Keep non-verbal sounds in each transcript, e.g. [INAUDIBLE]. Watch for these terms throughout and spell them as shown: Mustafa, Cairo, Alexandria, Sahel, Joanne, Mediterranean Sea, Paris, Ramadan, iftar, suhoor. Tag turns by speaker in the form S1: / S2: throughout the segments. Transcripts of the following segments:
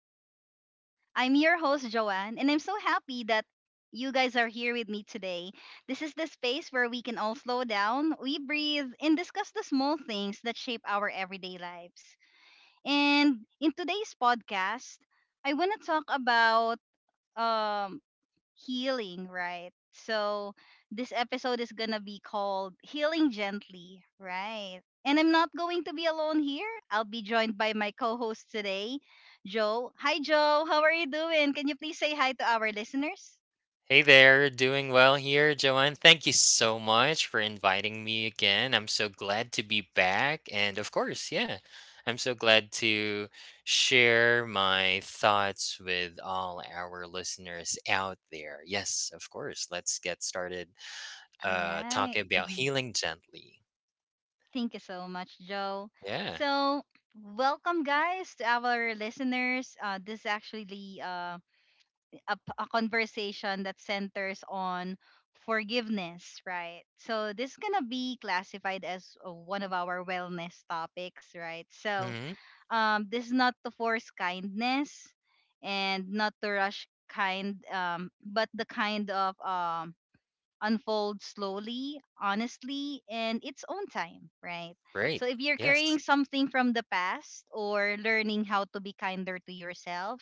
S1: with Joanne. I'm your host, Joanne, and I'm so happy that you guys are here with me today. This is the space where we can all slow down, we breathe, and discuss the small things that shape our everyday lives. And in today's podcast, I want to talk about um, healing, right? So this episode is gonna be called Healing Gently, right? And I'm not going to be alone here. I'll be joined by my co-host today, Joe. Hi, Joe. How are you doing? Can you please say hi to our listeners?
S2: Hey there, doing well here, Joanne. Thank you so much for inviting me again. I'm so glad to be back. And of course, yeah, I'm so glad to share my thoughts with all our listeners out there. Yes, of course. Let's get started
S1: All right.
S2: talking about
S1: Mhm.
S2: healing gently.
S1: Thank you so much, Joe.
S2: Yeah.
S1: So, welcome, guys, to our listeners. This is actually a conversation that centers on forgiveness, right? So this is gonna be classified as one of our wellness topics, right? So
S2: Hmm.
S1: this is not to force kindness and not to rush kind, but the kind of unfold slowly, honestly, and its own time, right? So
S2: Great.
S1: if you're carrying
S2: Yes.
S1: something from the past or learning how to be kinder to yourself,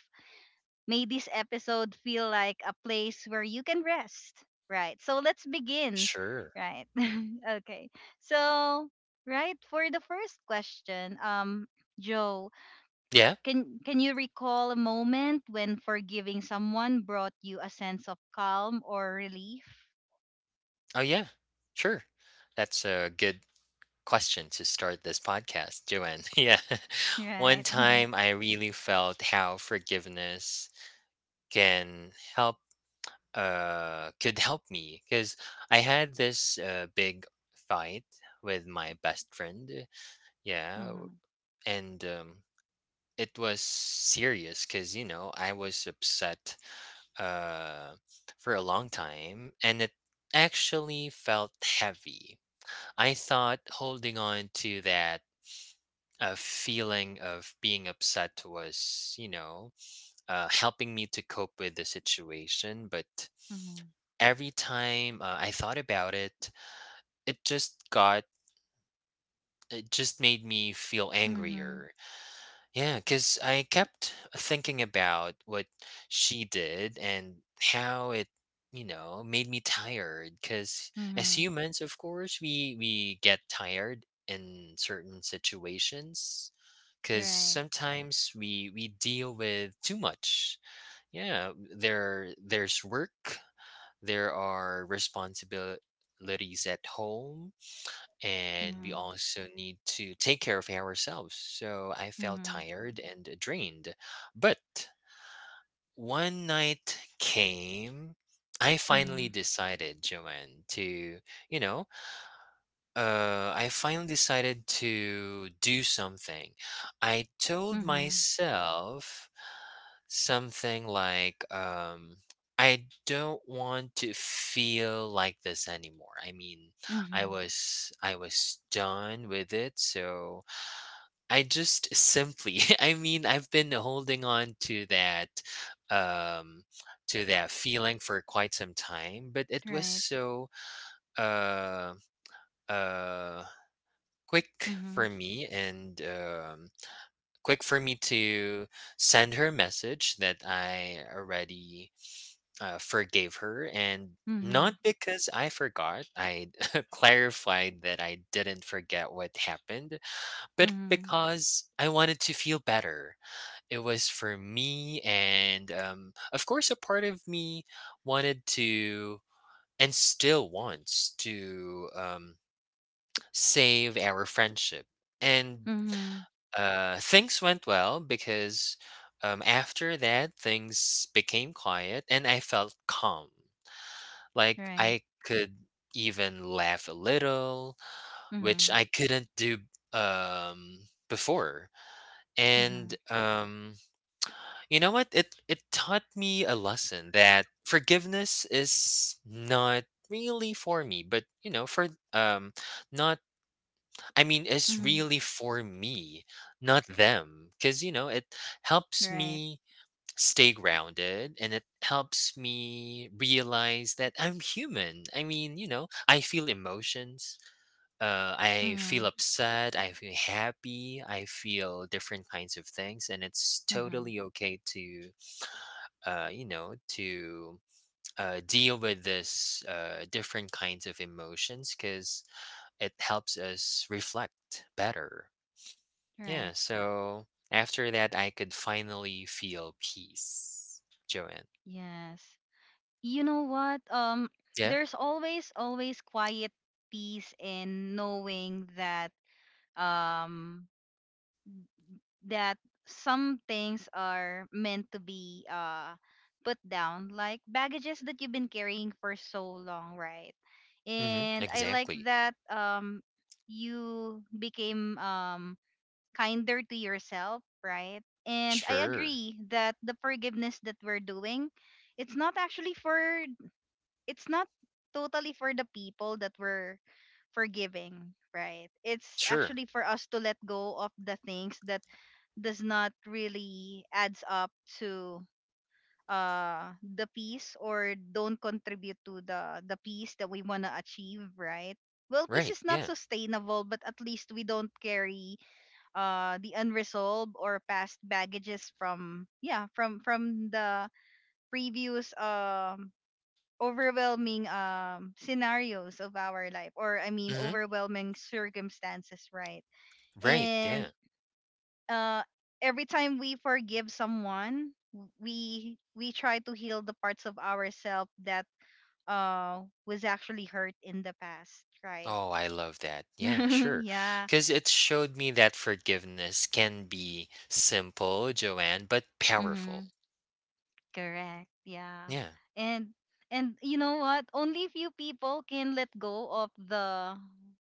S1: may this episode feel like a place where you can rest. Right. So let's begin.
S2: Sure.
S1: Right. [LAUGHS] Okay. So, right, for the first question, Joe,
S2: Yeah.
S1: can you recall a moment when forgiving someone brought you a sense of calm or relief?
S2: Oh, yeah. Sure. That's a good question to start this podcast, Joanne. [LAUGHS] Yeah. [LAUGHS] One
S1: Right. [LAUGHS]
S2: time I really felt how forgiveness can help could help me because I had this big fight with my best friend. Yeah,
S1: Mhm.
S2: and it was serious cuz you know, I was upset uh for a long time, and it actually felt heavy. I thought holding on to that a feeling of being upset was, helping me to cope with the situation. But
S1: Mhm.
S2: every time I thought about it, it just got, it just made me feel
S1: Mhm.
S2: angrier. Yeah, because I kept thinking about what she did and how it made me tired. Because
S1: Mhm.
S2: as
S1: Mhm.
S2: humans, of course, we get tired in certain situations. Because
S1: Right.
S2: sometimes we deal with too much. Yeah, there's work. There are responsibilities at home, and we
S1: Mhm.
S2: also need to take care of ourselves. So I felt
S1: Mhm.
S2: tired and drained. But one night came. I finally
S1: Mhm.
S2: decided, Joanne, you know, I finally decided to do something. I told
S1: Mhm.
S2: myself something like, I don't want to feel like this anymore. I mean, I
S1: Mhm.
S2: was I was done with it, so I just simply [LAUGHS] I mean, I've been holding on to um that feeling for quite some time, but it was
S1: Right.
S2: so uh uh quick
S1: Mhm.
S2: for me and um quick for me to send her message that I already forgave her, and not
S1: Mhm.
S2: because I forgot. I [LAUGHS] clarified that I didn't forget what happened, but
S1: Mhm.
S2: because I wanted to feel better. It was for me, and of course, a part of me wanted to and still wants to save our friendship. And
S1: Mhm.
S2: things went well because after that, things became quiet, and I felt calm. Like
S1: Right.
S2: I could even laugh a little, which
S1: Mhm.
S2: I couldn't do before.
S1: Mhm.
S2: And you know what? It taught me a lesson that forgiveness is not really for me, but you know, for not I mean it's
S1: Mhm.
S2: really for me, not them. Cause it helps
S1: Right.
S2: me stay grounded, and it helps me realize that I'm human. I mean, I feel emotions. I feel
S1: Mhm.
S2: upset. I feel happy. I feel different kinds of things. And it's
S1: Mhm.
S2: totally okay to deal with this different kinds of emotions because it helps us reflect better. Yeah.
S1: Right.
S2: So after that, I could finally feel peace, Joanne.
S1: Yes. You know what?
S2: Yeah.
S1: There's always quiet peace in knowing that um that some things are meant to be put down like baggages that you've been carrying for so long, right?
S2: Hmm.
S1: And I like
S2: Exactly.
S1: that you became kinder to yourself, right? And I
S2: Sure.
S1: agree that the forgiveness that we're doing, it's not actually for, it's not totally for the people that we're forgiving, right? It's
S2: Sure.
S1: actually for us to let go of the things that does not really adds up to the peace or don't contribute to the peace that we want to achieve, right? Well, peace
S2: Right.
S1: is not
S2: Yeah.
S1: sustainable, but at least we don't carry the unresolved or past baggages from, yeah, from the previous overwhelming scenarios of our life, or I mean
S2: Hmm.
S1: overwhelming circumstances, right?
S2: Right.
S1: And
S2: Yeah.
S1: uh every time we forgive someone, we try to heal the parts of ourselves that uh was actually hurt in the past, right?
S2: Oh, I love that. Yeah,
S1: [LAUGHS]
S2: sure.
S1: Yeah.
S2: Because it showed me that forgiveness can be simple, Joanne, but powerful.
S1: Hmm. Correct. Yeah.
S2: Yeah.
S1: And and you know what? Only few people can let go of the,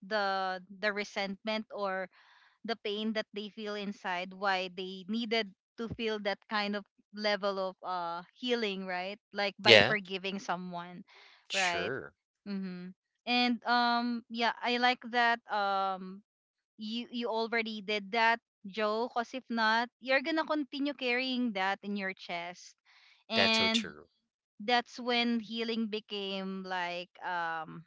S1: the resentment or the pain that they feel inside why they needed to feel that kind of level of healing, right? Like by
S2: Yeah.
S1: forgiving someone, right?
S2: Sure.
S1: Mhm. And yeah, I like that you already did that, Joe, cause if not, you're gonna continue carrying that in your chest,
S2: That's so
S1: and
S2: true.
S1: that's when healing became like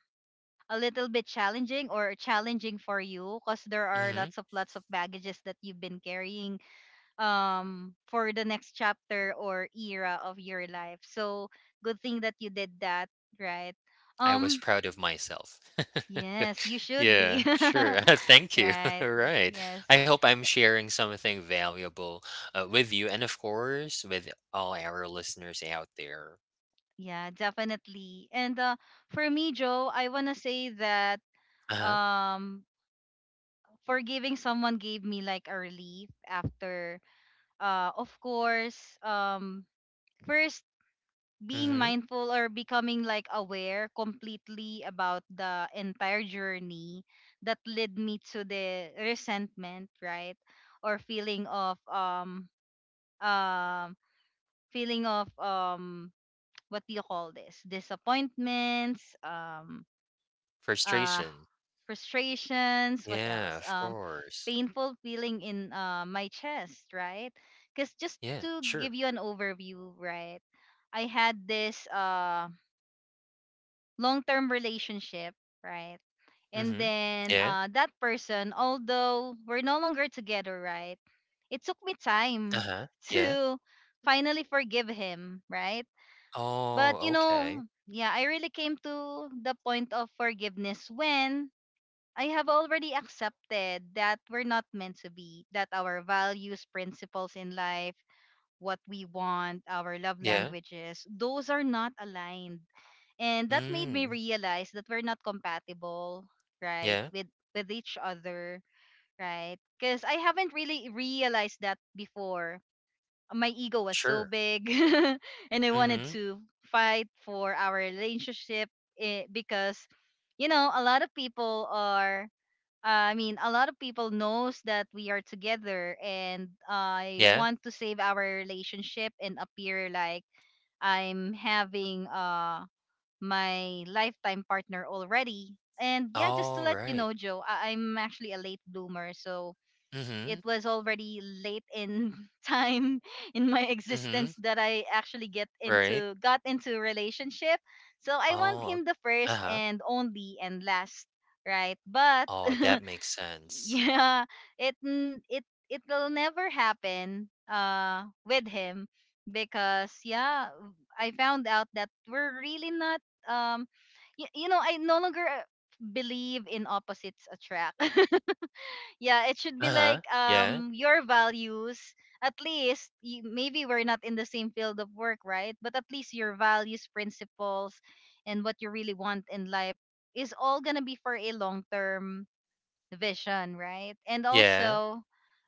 S1: a little bit challenging or challenging for you because there are
S2: Hmm.
S1: lots of baggages that you've been carrying for the next chapter or era of your life, so good thing that you did that, right?
S2: I was
S1: um
S2: proud of myself.
S1: yes, you
S2: [LAUGHS]
S1: should be.
S2: Yeah, sure. [LAUGHS]
S1: [LAUGHS]
S2: Thank you. [LAUGHS]
S1: Right.
S2: All right.
S1: Yes.
S2: I hope I'm
S1: Y-
S2: sharing something valuable with you and, of course, with all our listeners out there.
S1: yeah, definitely. And for me, Joe, I want to say that
S2: Uh-huh.
S1: um forgiving someone gave me like a relief after, uh, of course, first being
S2: Mhm.
S1: mindful or becoming like aware completely about the entire journey that led me to the resentment, right? Or feeling of, um feeling of, [TSK] what do you call this, disappointments, uh,
S2: Frustration.
S1: frustrations. What
S2: Yeah,
S1: else?
S2: of course.
S1: Painful feeling in my chest, right? Because just
S2: Yeah,
S1: to give
S2: sure.
S1: you an overview, right? I had this long-term relationship, right? And
S2: Mhm.
S1: then
S2: Yeah.
S1: that person, although we're no longer together, right? It took me time
S2: Uh-huh.
S1: [LAUGHS]
S2: Yeah.
S1: to finally forgive him, right? But
S2: Oh,
S1: you know,
S2: okay.
S1: yeah, I really came to the point of forgiveness when I have already accepted that we're not meant to be, that our values, principles in life, what we want, our love
S2: Yeah.
S1: languages, those are not aligned. And that made me
S2: Mm.
S1: realize that we're not compatible, right,
S2: Yeah.
S1: with each other, right? Cuz I haven't really realized that before. My ego was so
S2: Sure.
S1: big [LAUGHS] and I wanted
S2: Mhm.
S1: to fight for our relationship, eh, because you know, a lot of people are, I mean, a lot of people knows that we are together, and I
S2: Yeah.
S1: want to save our relationship and appear like I'm having my lifetime partner already. And yeah, just to let you
S2: Alright.
S1: know, Joe, I'm actually a late bloomer, so
S2: Mhm.
S1: it was already late in [LAUGHS] time in my
S2: Mhm.
S1: existence that I actually get
S2: Right.
S1: into got into a relationship. So I want
S2: Oh.
S1: him the first
S2: Uh-huh.
S1: and only and last, right? But
S2: Oh, that
S1: [LAUGHS]
S2: makes sense.
S1: yeah, it will never happen with him because yeah, I found out that we're really not, um you know, I no longer believe in opposites attract. [LAUGHS] Yeah, it should be like
S2: Uh-huh. Yeah.
S1: your values, at least, maybe we're not in the same field of work, right, but at least your values, principles, and what you really want in life is all going to be for a long term vision, right? And
S2: Yeah.
S1: also,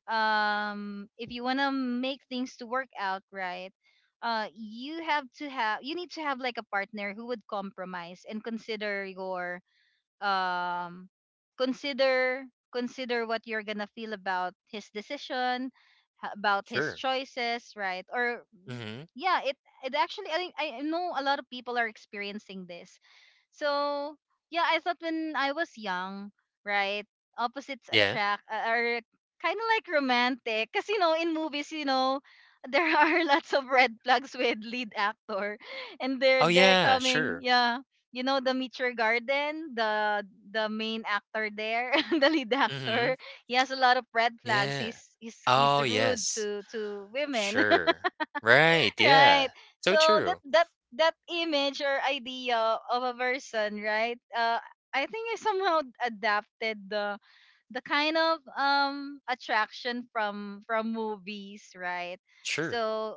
S1: if you want to make things to work out, right? You need to have like a partner who would compromise and consider your um consider consider what you're gonna feel about his decision, about his
S2: Sure.
S1: choices, right? Or
S2: Mhm.
S1: yeah, it actually, I think I know a lot of people are experiencing this, so yeah, I thought when I was young, right, opposites
S2: Yeah.
S1: attract uh are kind of like romantic. Cause you know in movies, you know, [LAUGHS] there are lots of red flags with lead actor, and they're
S2: Oh,
S1: they're
S2: yeah.
S1: coming.
S2: Sure.
S1: Yeah, you know the Meteor Garden, the main actor there, [LAUGHS] the lead actor.
S2: Mhm.
S1: He has a lot of red flags.
S2: Yeah.
S1: He's
S2: Oh,
S1: rude
S2: yes.
S1: to women,
S2: Sure. Right,
S1: right?
S2: yeah. So
S1: So that,
S2: true.
S1: that image or idea of a person, right, uh, I think I somehow adapted the kind of attraction from movies, right?
S2: Sure.
S1: So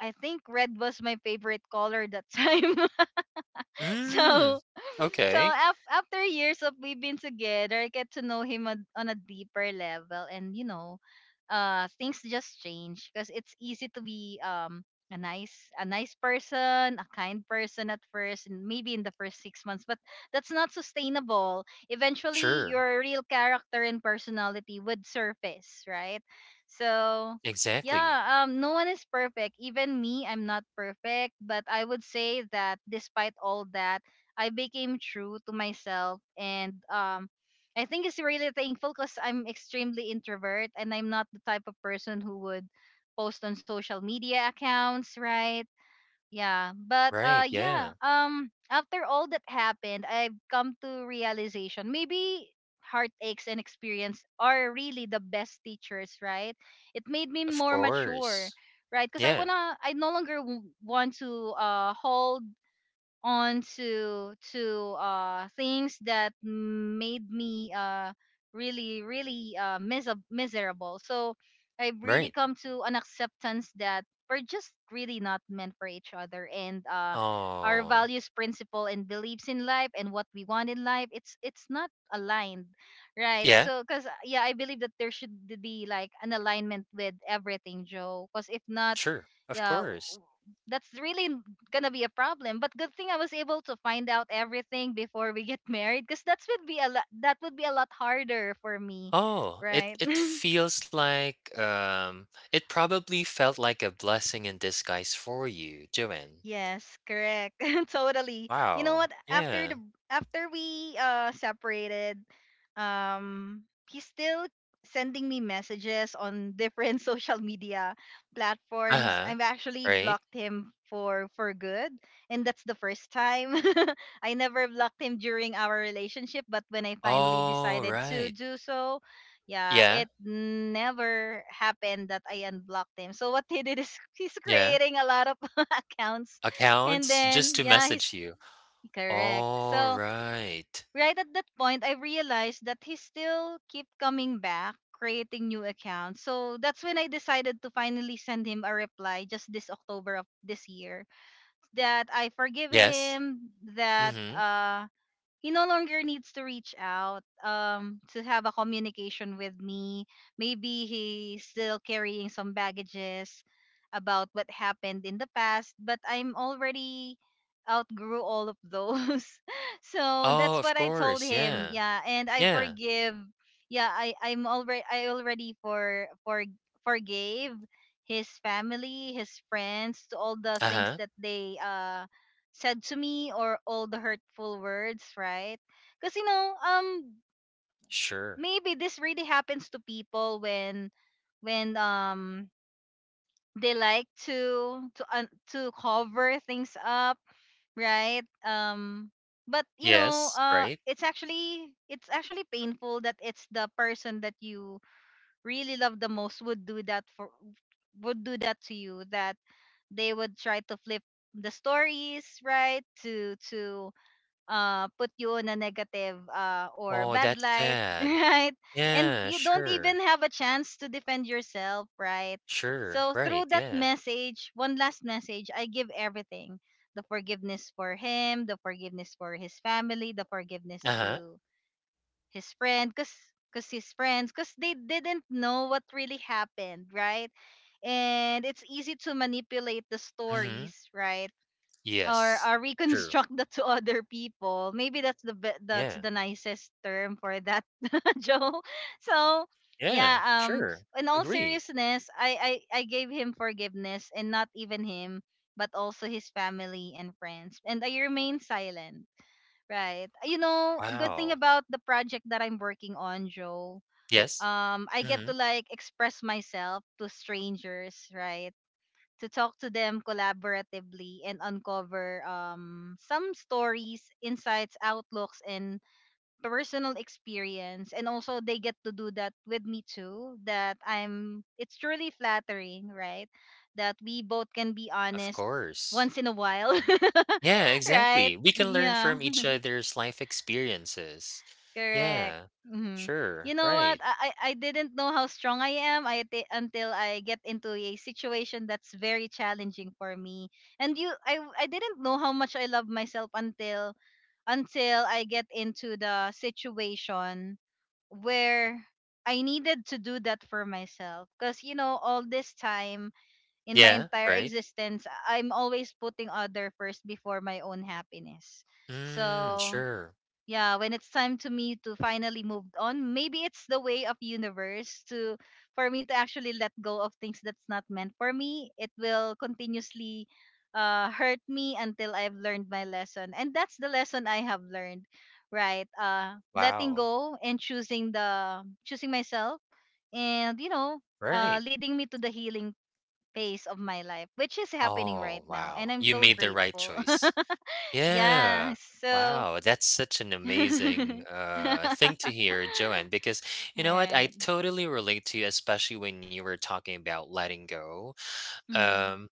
S1: I think red was my favorite color that time. [LAUGHS]
S2: Mm.
S1: So,
S2: Okay.
S1: after years of we've been together, I get to know him on a deeper level, and you know, things just change because it's easy to be a nice person, a kind person at first, and maybe in the first 6 months, but that's not sustainable. Eventually,
S2: Sure.
S1: your real character and personality would surface, right? So.
S2: Exactly.
S1: Yeah, no one is perfect. Even me, I'm not perfect. But I would say that despite all that, I became true to myself and I think it's really thankful because I'm extremely introvert and I'm not the type of person who would post on social media accounts, right? Yeah. But
S2: Right,
S1: yeah,
S2: yeah.
S1: after all that happened, I've come to realization maybe heartaches and experience are really the best teachers, right? It made me
S2: Of
S1: more mature,
S2: course.
S1: right? Because
S2: Yeah,
S1: I no longer want to hold on to things that made me really miserable, so I've
S2: right.
S1: really come to an acceptance that we're just really not meant for each other, and our
S2: Oh.
S1: values, principle, and beliefs in life and what we want in life, it's not aligned, right?
S2: Yeah,
S1: So because yeah I believe that there should be like an alignment with everything, Joe, because if not,
S2: sure. Of
S1: yeah,
S2: course.
S1: that's really n- gonna be a problem. But good thing I was able to find out everything before we get [LAUGHS] married, because that's would be a lot, that would be a lot harder for me,
S2: Oh, it
S1: right?
S2: it
S1: [LAUGHS]
S2: feels like it probably felt like a blessing in disguise for you, Joanne.
S1: Yes, correct. [LAUGHS] Totally. You know
S2: Wow.
S1: what?
S2: Yeah.
S1: After we separated, um he's still sending me messages on different [LAUGHS] social media platforms.
S2: Uh-huh.
S1: I've actually
S2: Right.
S1: blocked him for good, and that's the first time. [LAUGHS] I never blocked him during our relationship, but when I finally
S2: Oh,
S1: decided to
S2: right.
S1: do so, yeah,
S2: Yeah.
S1: it never happened that I unblocked him. So what he did is, [LAUGHS] he's
S2: Yeah.
S1: creating a lot of [LAUGHS] accounts, and
S2: Accounts just
S1: then
S2: to
S1: yeah,
S2: message
S1: he's
S2: you.
S1: correct.
S2: All
S1: So
S2: right.
S1: right at that point, I realized that he still keep coming back, creating new accounts. So that's when I decided to finally send him a reply just this October of this year that I forgive
S2: Yes.
S1: him, that
S2: Mhm.
S1: he no longer needs to reach out to have a communication with me. Maybe he's still carrying some baggages about what happened in the past, but I'm already outgrew all of those. [LAUGHS] So
S2: Oh,
S1: that's
S2: of
S1: what I told
S2: course.
S1: him,
S2: Yeah.
S1: yeah, and I
S2: Yeah.
S1: forgive. Yeah, I'm already, I already forgave his family, his friends, to all the things
S2: Uh-huh.
S1: that they said to me, or all the hurtful words, right? Because you know, um,
S2: Sure.
S1: Maybe this really happens to people when, when they like to cover things up, right? But
S2: Yes, right?
S1: it's actually painful that it's the person that you really love the most would do that for would do that to you, that they would try to flip the stories, right, to put you in a negative or
S2: Oh,
S1: bad
S2: that's
S1: light, [LAUGHS]
S2: sad.
S1: right? And
S2: Yeah,
S1: you don't
S2: sure.
S1: even have a chance to defend yourself, right?
S2: Sure.
S1: So
S2: Right.
S1: through that
S2: Yeah.
S1: message, one last message, I give everything. The forgiveness for him, the forgiveness for his family, the forgiveness
S2: Uh-huh.
S1: to his friend, cause, cause his friends, cause they didn't know what really happened, right? And it's easy to manipulate the
S2: Mhm.
S1: stories, right? Or
S2: Yes. True.
S1: reconstruct that to other people. Maybe that's that's
S2: Yeah.
S1: the nicest term for that, [LAUGHS] Joe. So yeah,
S2: Yeah. Sure.
S1: in all
S2: Agree.
S1: seriousness, I gave him forgiveness, and not even him, but also his family and friends, and I remain silent. Right. You know, a good thing
S2: Wow.
S1: about the project that I'm working on, Joe.
S2: Yes.
S1: I get to
S2: Mhm.
S1: like express myself to strangers, right? To talk to them collaboratively and uncover some stories, insights, outlooks, and personal experience. And also, they get to do that with me too. That I'm, it's truly flattering, right? That we both can be
S2: Of
S1: honest
S2: course.
S1: once in a while,
S2: Yeah,
S1: [LAUGHS] right?
S2: exactly. We can learn
S1: Yeah.
S2: from each other's life experiences.
S1: Correct.
S2: Yeah,
S1: Hmm. You
S2: sure,
S1: know what?
S2: right.
S1: I didn't know how strong I am until I get into a situation that's very challenging for me. And you, I didn't know how much I love myself until I get into the situation where I needed to do that for myself. Because you know, all this time in my
S2: Yeah,
S1: entire
S2: right.
S1: existence, I'm always putting other first before my own happiness.
S2: Mm,
S1: So
S2: sure.
S1: yeah, when it's time to me to finally move on, maybe it's the way of universe to for me to actually let go of things that's not meant for me. It will continuously hurt me until I've learned my lesson, and that's the lesson I have learned, right. Letting
S2: Wow,
S1: go and choosing the choosing myself. And you know,
S2: right.
S1: leading me to the healing phase of my life, which is happening
S2: Oh,
S1: right now,
S2: wow.
S1: and I'm
S2: You
S1: so
S2: made the right
S1: grateful.
S2: choice.
S1: [LAUGHS] Yeah.
S2: Yeah.
S1: So
S2: Wow, that's such an amazing
S1: [LAUGHS]
S2: thing to hear, Joanne, because you know what? I
S1: alright.
S2: totally relate to you, especially when you were talking about letting go.
S1: Mm.
S2: Um,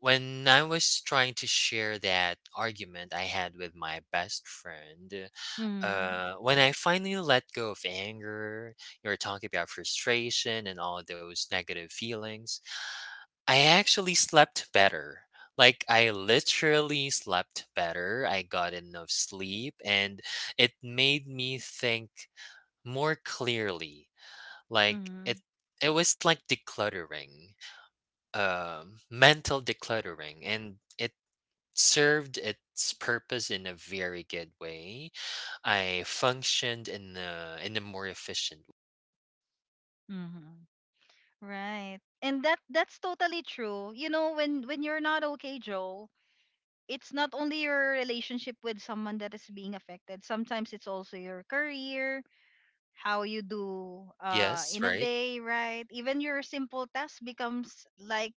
S2: when I was trying to share that argument I had with my best friend,
S1: Mm.
S2: when I finally let go of anger, you were talking about frustration and all those negative feelings, I actually slept better. Like, I literally slept better. I got enough sleep, and it made me think more clearly. Like,
S1: Mm.
S2: it was like decluttering mental decluttering, and it served its purpose in a very good way. I functioned in a more efficient.
S1: Mm. Right. And that's totally true. You know, when you're not okay, Joe, it's not only your relationship with someone that is being affected. Sometimes it's also your career, how you do
S2: Yes,
S1: in a
S2: right?
S1: day, right? Even your simple task becomes like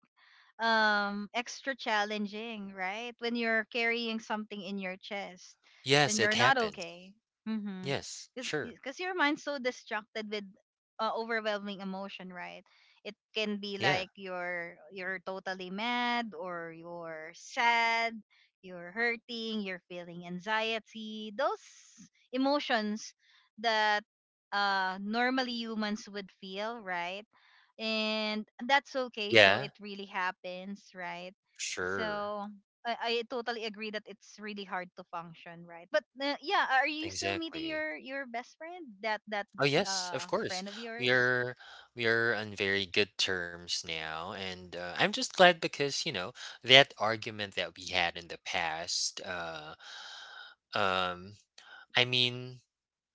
S1: extra challenging, right? When you're carrying something in your chest, when
S2: Yes,
S1: you're
S2: it
S1: not
S2: happens.
S1: okay. Mhm.
S2: Yes,
S1: Cuz
S2: sure.
S1: cuz your mind's so distracted with overwhelming emotion, right? It can be
S2: Yeah.
S1: like you're totally mad or you're sad, you're hurting, you're feeling anxiety. Those emotions that normally humans would feel, right? And that's okay, Joe,
S2: Yeah,
S1: it really happens, right?
S2: sure.
S1: So I totally agree that it's really hard to function, right, but yeah, are you still meeting
S2: Exactly.
S1: your best friend, that that
S2: Oh yes, of course.
S1: friend of
S2: We
S1: yours?
S2: are we are on very good terms now, and I'm just glad because you know that argument that we had in the past. Um, I mean,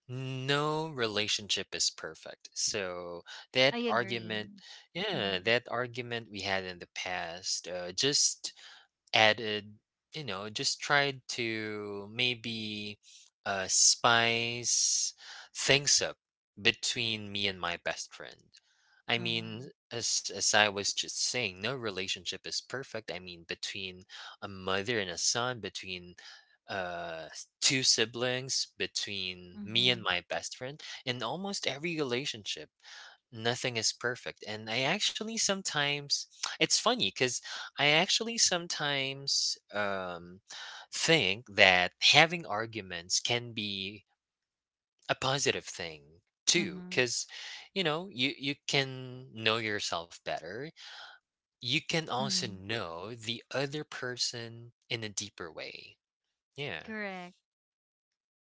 S2: no relationship is perfect. So
S1: I
S2: that argument,
S1: agree.
S2: yeah,
S1: Mm-hmm.
S2: that argument we had in the past, just added, just tried to maybe spice things up between me and my best friend. I
S1: Mm-hmm.
S2: mean, as I was just saying, no relationship is perfect. I mean, between a mother and a son, between two siblings, between me and
S1: Mm-hmm.
S2: my best friend, in almost every relationship, nothing is perfect. And I actually sometimes [TSK] it's funny because I actually sometimes think that having arguments can be a positive thing too,
S1: Mm-hmm.
S2: because you can know yourself better. You can also
S1: Hmm.
S2: know the other person in a deeper way. Yeah,
S1: Correct.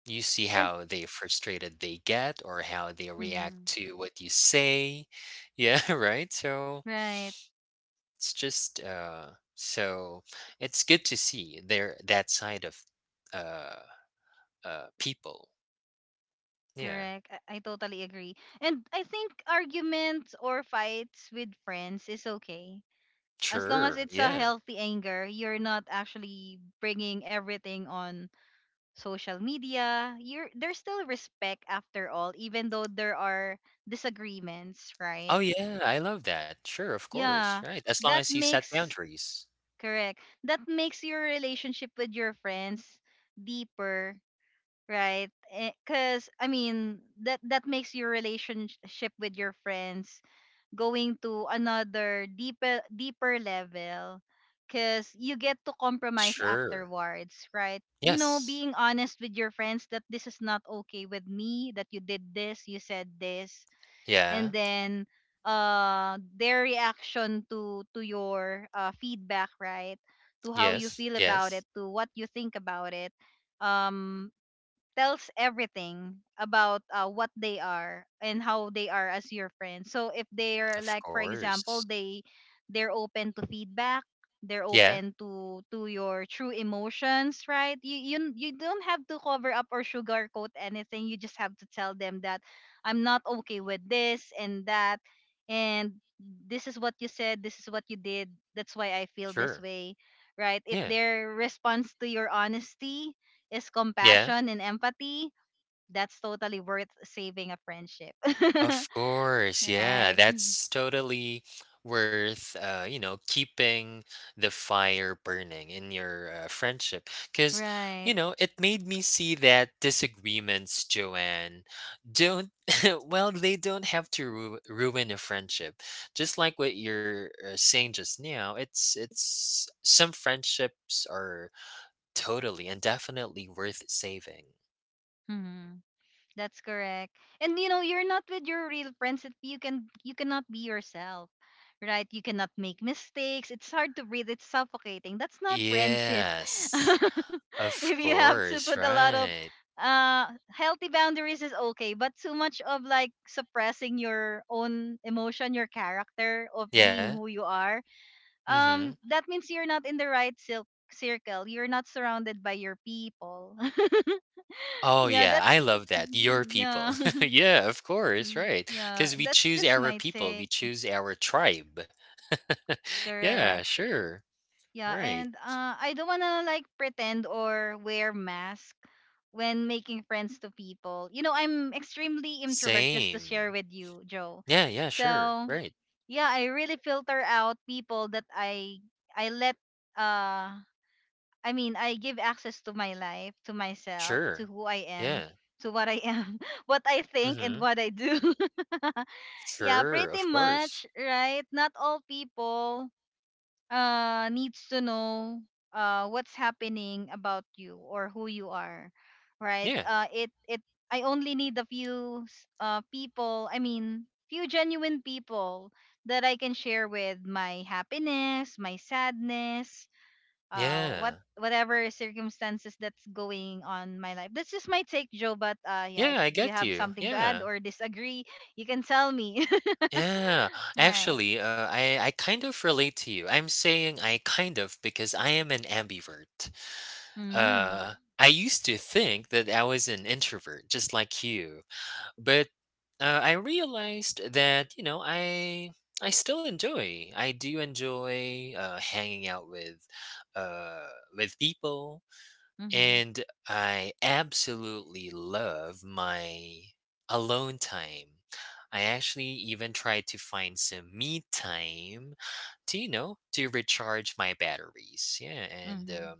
S2: you see
S1: And
S2: how they frustrated they get, or how they react
S1: mm-hmm.
S2: to what you say. Yeah, [LAUGHS] right.
S1: Right.
S2: It's just uh so it's good to see there that side of uh people. Yeah.
S1: Correct. I totally agree, and I think arguments or fights with friends is okay. As long as
S2: Sure.
S1: it's a
S2: Yeah.
S1: healthy anger, you're not actually bringing everything on social media. You're there's still respect after all, even though there are disagreements, right?
S2: Oh, yeah, I love that. Sure, of course,
S1: Yeah,
S2: right. As long
S1: that
S2: as you set
S1: makes
S2: boundaries.
S1: correct. That makes your relationship with your friends deeper, right? Because I mean, that makes your relationship with your friends going to another deeper level. Because you get to compromise
S2: Sure.
S1: afterwards, right? You know,
S2: Yes.
S1: being honest with your friends that this is not okay with me, that you did this, you said this. And
S2: Yeah.
S1: then their reaction to your feedback, right? To how you
S2: Yes.
S1: feel about it,
S2: Yes.
S1: to what you think about it, um tells everything about what they are and how they are as your friend. So if they're
S2: Of
S1: like, for
S2: course.
S1: example, they they're open to feedback, they're
S2: Yeah.
S1: open to your true emotions, right? You don't have to cover up or sugarcoat anything. You just have to tell them that I'm not okay with this and that, and this is what you said, this is what you did. That's why I feel this
S2: Sure.
S1: way, right? If
S2: Yeah.
S1: their response to your honesty is
S2: Yeah.
S1: compassion and empathy, that's totally worth saving a friendship.
S2: Of
S1: [LAUGHS]
S2: course, yeah,
S1: Right.
S2: that's totally worth keeping the fire burning in your friendship. Because
S1: Right.
S2: it made me see that disagreements, Joanne, don't, [LAUGHS] well, they don't have to ruin a friendship. Just like what you're saying just now, some friendships are totally and definitely worth saving.
S1: Mhm. That's correct. And you know, you're not with your real friends if you can you cannot be yourself. Right? You cannot make mistakes. It's hard to breathe. It's suffocating. That's not friendship.
S2: Yes,
S1: [LAUGHS]
S2: of
S1: If you have to
S2: course,
S1: put a lot of
S2: right.
S1: healthy boundaries is okay, but too much of like suppressing your own emotion, your character of being
S2: Yeah.
S1: who you are,
S2: Mhm.
S1: that means you're not in the right silk circle, you're not surrounded by your people. [LAUGHS]
S2: Oh,
S1: Yeah,
S2: yeah, I
S1: that's
S2: love that, your
S1: mm-hmm, yeah.
S2: people. [LAUGHS] Yeah, of course,
S1: [LAUGHS]
S2: right.
S1: Yeah,
S2: Because we
S1: that's
S2: choose
S1: just
S2: our
S1: my
S2: people, we
S1: take.
S2: choose our tribe. [LAUGHS] Yeah,
S1: Correct.
S2: sure,
S1: Yeah,
S2: right.
S1: and I don't wanna like pretend or wear mask when making friends to people. You know, I'm extremely introvert, just to share
S2: Same.
S1: with you, Joe.
S2: Yeah, yeah, sure,
S1: So
S2: right,
S1: yeah, I really filter out people that i let uh I mean, I give access to my life, to myself, to
S2: sure.
S1: who I am,
S2: Yeah,
S1: to what I am, [LAUGHS] what I think, and
S2: mhm.
S1: what I do. [LAUGHS] Yeah,
S2: Sure,
S1: pretty
S2: of
S1: much,
S2: course.
S1: right? Not all people needs to know what's happening about you or who you are, right?
S2: Yeah,
S1: It it I only need a few people. I mean, few genuine people that I can share with my happiness, my sadness, what
S2: yeah.
S1: whatever circumstances that's going on my life. That's just my take, Joe, but yeah, if
S2: Yeah, I
S1: you
S2: get
S1: have
S2: you,
S1: something to add
S2: yeah.
S1: or disagree, you can tell me.
S2: Yeah,
S1: [LAUGHS] Right.
S2: actually, I kind of relate to you. I'm saying I kind of because I am an ambivert.
S1: Mm-hmm.
S2: I used to think that I was an introvert, just like you, but I realized that I still enjoy. I do enjoy hanging out with uh, with people.
S1: Hmm.
S2: And I absolutely love my alone time. I actually even try to find some me time to recharge my batteries. Yeah. And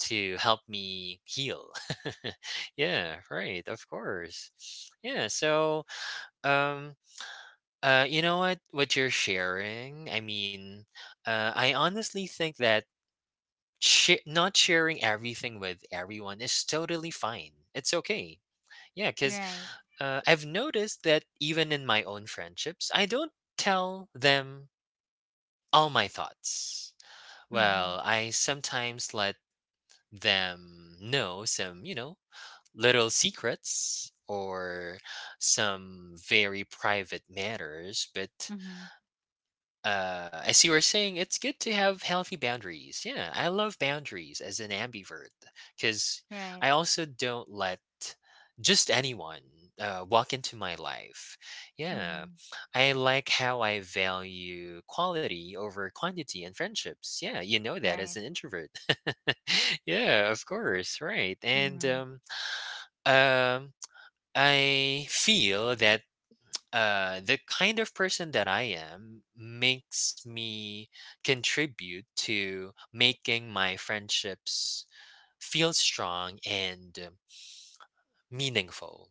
S2: to help me heal. [LAUGHS] Yeah. Right. Of course. Yeah. So, um, you know what? What you're sharing, I mean, I honestly think that Share not sharing everything with everyone is totally fine. It's okay. Yeah, because
S1: Right.
S2: I've noticed that even in my own friendships, I don't tell them all my thoughts. Well,
S1: Hmm.
S2: I sometimes let them know some little secrets or some very private matters, but
S1: Hmm.
S2: As you were saying, it's good to have healthy boundaries. Yeah, I love boundaries as an ambivert because
S1: Right.
S2: I also don't let just anyone walk into my life. Yeah,
S1: Hmm.
S2: I like how I value quality over quantity in friendships. Yeah, you know that as
S1: Right.
S2: an introvert. [LAUGHS] Yeah, of course, right. And
S1: Hmm.
S2: um, I feel that the kind of person that I am makes me contribute to making my friendships feel strong and meaningful.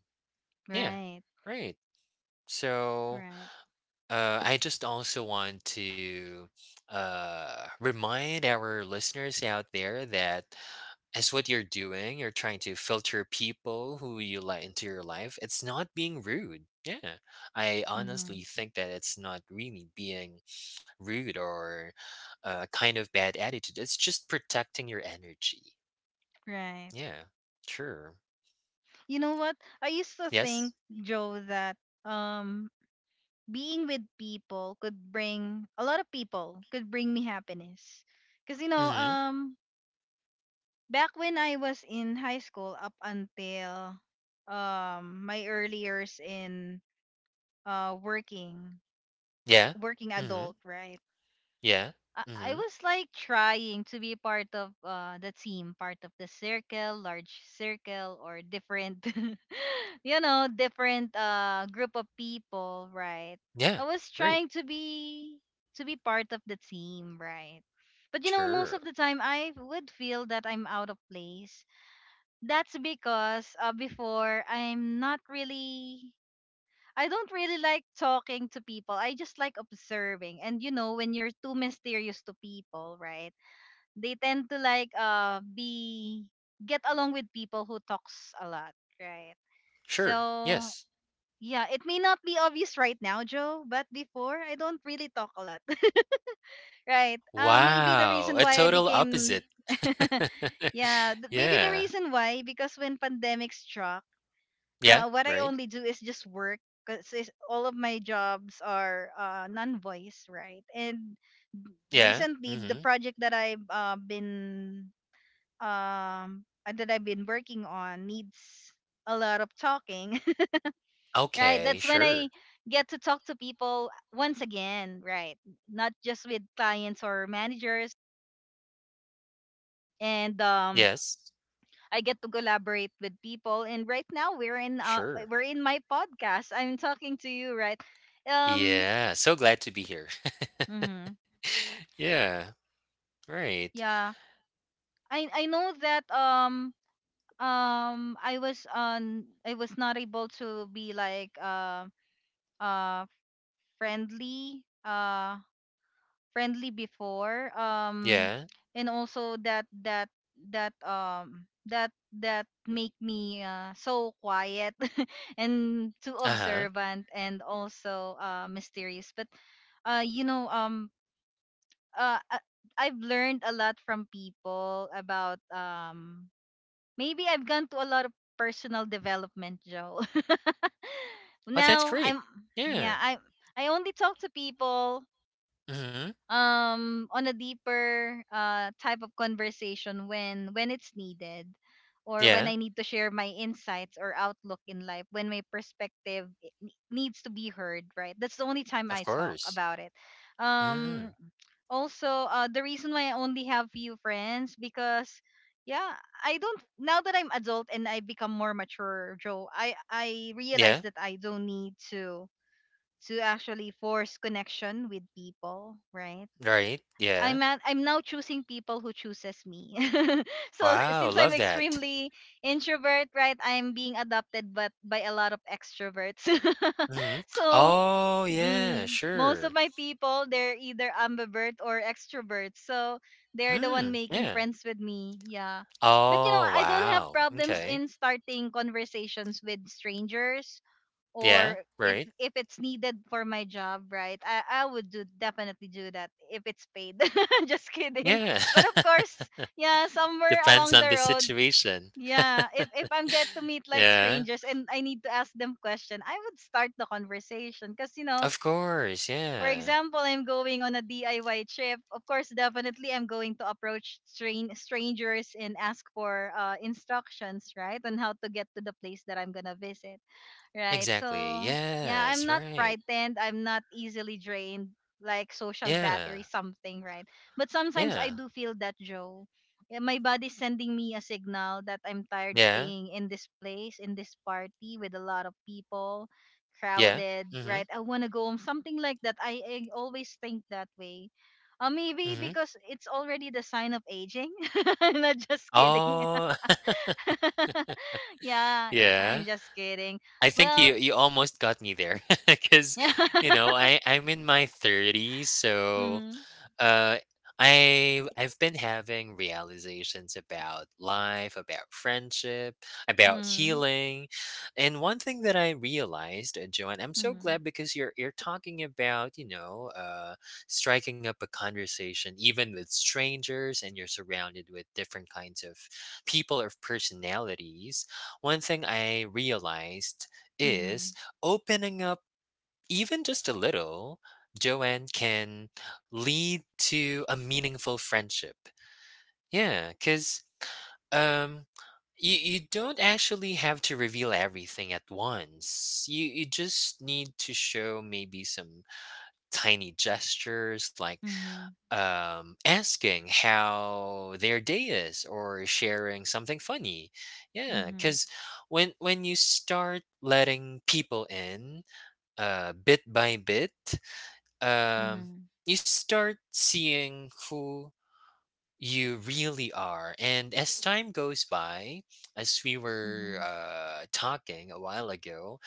S2: Yeah,
S1: Right.
S2: right. So
S1: Right.
S2: I just also want to remind our listeners out there that as what you're doing, you're trying to filter people who you let into your life. It's not being rude. Yeah. I honestly
S1: Hmm.
S2: think that it's not really being rude or a kind of bad attitude. It's just protecting your energy.
S1: Right.
S2: Yeah. Sure.
S1: You know what? I used to think,
S2: Yes.
S1: Joe, that um being with people could bring me happiness. Cause you know,
S2: Mhm.
S1: back when I was in high school, up until my early years in working
S2: Yeah.
S1: working
S2: Mhm.
S1: adult, right?
S2: Yeah.
S1: I
S2: Mhm.
S1: was like trying to be part of the team, part of the circle, large circle, or different, [LAUGHS] you know, different group of people, right?
S2: Yeah.
S1: I was
S2: Right.
S1: trying to be part of the team, right? But you know, most
S2: Sure.
S1: of the time I would feel that I'm out of place. That's because before I'm not really I don't really like talking to people. I just like observing. And you know, when you're too mysterious to people, right? They tend to like be get along with people who talks a lot, right?
S2: Sure.
S1: So
S2: Yes.
S1: yeah, it may not be obvious right now, Joe, but before I don't really talk a lot. [LAUGHS] Right. Uh, maybe the
S2: Wow.
S1: reason
S2: A
S1: why I
S2: total
S1: became
S2: opposite.
S1: yeah,
S2: [LAUGHS]
S1: maybe the
S2: Yeah.
S1: reason why because when pandemic struck,
S2: Yeah,
S1: what I
S2: right?
S1: only do is just work, because all of my jobs are non-voice, right? And
S2: Yeah.
S1: recently, the
S2: Mhm.
S1: project that I've been that I've been working on needs a lot of talking, [LAUGHS] right?
S2: Okay,
S1: That's when I
S2: sure.
S1: get to talk to people once again, right? Not just with clients or managers, and
S2: Yes.
S1: I get to collaborate with people. And right now,
S2: Sure.
S1: we're in my podcast. I'm talking to you, right? um
S2: Yeah, so glad to be here. [LAUGHS]
S1: mm-hmm.
S2: Yeah, right.
S1: Yeah. I know that I was on I was not able to be like uh friendly friendly before,
S2: Yeah.
S1: and also that that um that that make me so quiet, [LAUGHS] and too
S2: Uh-huh.
S1: observant and also mysterious. But you know, uh uh, I've learned a lot from people about maybe I've gone to a lot of personal development, Joe. [LAUGHS]
S2: Oh, that's
S1: Now
S2: great.
S1: I'm
S2: Yeah.
S1: yeah, I only talk to people
S2: Mhm.
S1: on a deeper type of conversation when it's needed, or when
S2: Yeah,
S1: I need to share my insights or outlook in life, when my perspective needs to be heard, right? That's the only time
S2: of
S1: I talk
S2: course.
S1: about it. um
S2: Mm.
S1: also the reason why I only have few friends because yeah I don't now that I'm adult and I become more mature, Joe, I realize
S2: Yeah,
S1: that I don't need to actually force connection with people, right?
S2: right. Yeah.
S1: I'm at, I'm now choosing people who chooses me. [LAUGHS] So
S2: Wow,
S1: since I'm
S2: love that.
S1: extremely introvert, right, I'm being adopted but by a lot of extroverts.
S2: Mhm.
S1: [LAUGHS] So
S2: Oh, yeah,
S1: mm, most of
S2: sure.
S1: my people they're either ambivert or extroverts. So they're the one
S2: Mm,
S1: making
S2: yeah.
S1: friends with me. Yeah. But you know,
S2: Oh,
S1: I don't have
S2: wow.
S1: problems
S2: Okay.
S1: in starting conversations with strangers,
S2: Yeah,
S1: or if
S2: right.
S1: if it's needed for my job, right? I would do definitely do that if it's paid. [LAUGHS] Just kidding.
S2: Yeah.
S1: But of
S2: [LAUGHS]
S1: course, yeah, somewhere
S2: Depends
S1: along the
S2: on the
S1: road,
S2: situation.
S1: yeah, if I'm get to meet like
S2: Yeah.
S1: strangers and I need to ask them question, I would start the conversation because you know,
S2: Of course,
S1: for
S2: yeah.
S1: example, I'm going on a diy trip, of course definitely I'm going to approach strain strangers and ask for instructions, right, on how to get to the place that I'm gonna visit. Right.
S2: Exactly.
S1: So yeah,
S2: Yes,
S1: I'm not
S2: right.
S1: frightened. I'm not easily drained, like social battery,
S2: Yeah.
S1: something, right? But sometimes
S2: Yeah.
S1: I do feel that, Joe. Yeah, my body's sending me a signal that I'm tired
S2: Yeah.
S1: staying in this place, in this party with a lot of people,
S2: Yeah.
S1: crowded,
S2: Mhm.
S1: right? I want to go home, something like that. I always think that way. Maybe
S2: Mhm.
S1: because it's already the sign of aging. [LAUGHS] Not just kidding.
S2: Oh, [LAUGHS]
S1: [LAUGHS] Yeah, I'm
S2: yeah.
S1: just kidding.
S2: I think
S1: Well,
S2: you almost got me there [LAUGHS] because
S1: yeah. [LAUGHS]
S2: you know I'm in my 30s so
S1: Mhm.
S2: uh I've been having realizations about life, about friendship, about
S1: Mhm.
S2: healing. And one thing that I realized, Joanne, I'm so
S1: Mhm.
S2: glad because you're talking about, you know, striking up a conversation even with strangers, and you're surrounded with different kinds of people or personalities. One thing I realized
S1: Mhm.
S2: is opening up even just a little, Joanne, can lead to a meaningful friendship. Yeah, because um, you don't actually have to reveal everything at once. You just need to show maybe some tiny gestures like
S1: Mhm.
S2: asking how their day is or sharing something funny. Yeah,
S1: Mhm.
S2: because when you start letting people in, bit by bit, um,
S1: Mhm.
S2: you start seeing who you really are. And as time goes by, as we were
S1: Mhm.
S2: talking a while ago,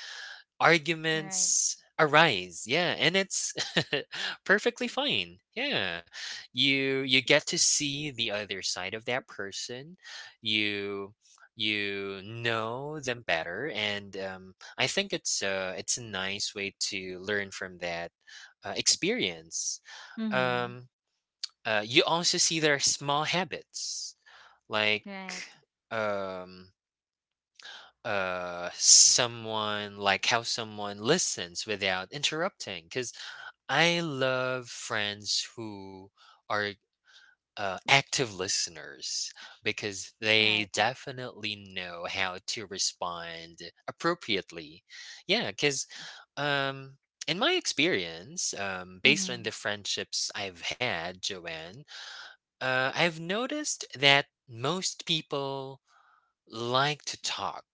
S1: Right.
S2: arguments arise, yeah, and it's [LAUGHS] perfectly fine, yeah, you get to see the other side of that person. you you know them better, and I think it's a nice way to learn from that experience.
S1: Mhm.
S2: um you also see their small habits like
S1: Right.
S2: um someone, like how someone listens without interrupting, because I love friends who are active listeners, because they
S1: Right.
S2: definitely know how to respond appropriately. Yeah, because um in my experience, based on
S1: Mhm.
S2: the friendships I've had, Joanne, I've noticed that most people like to talk.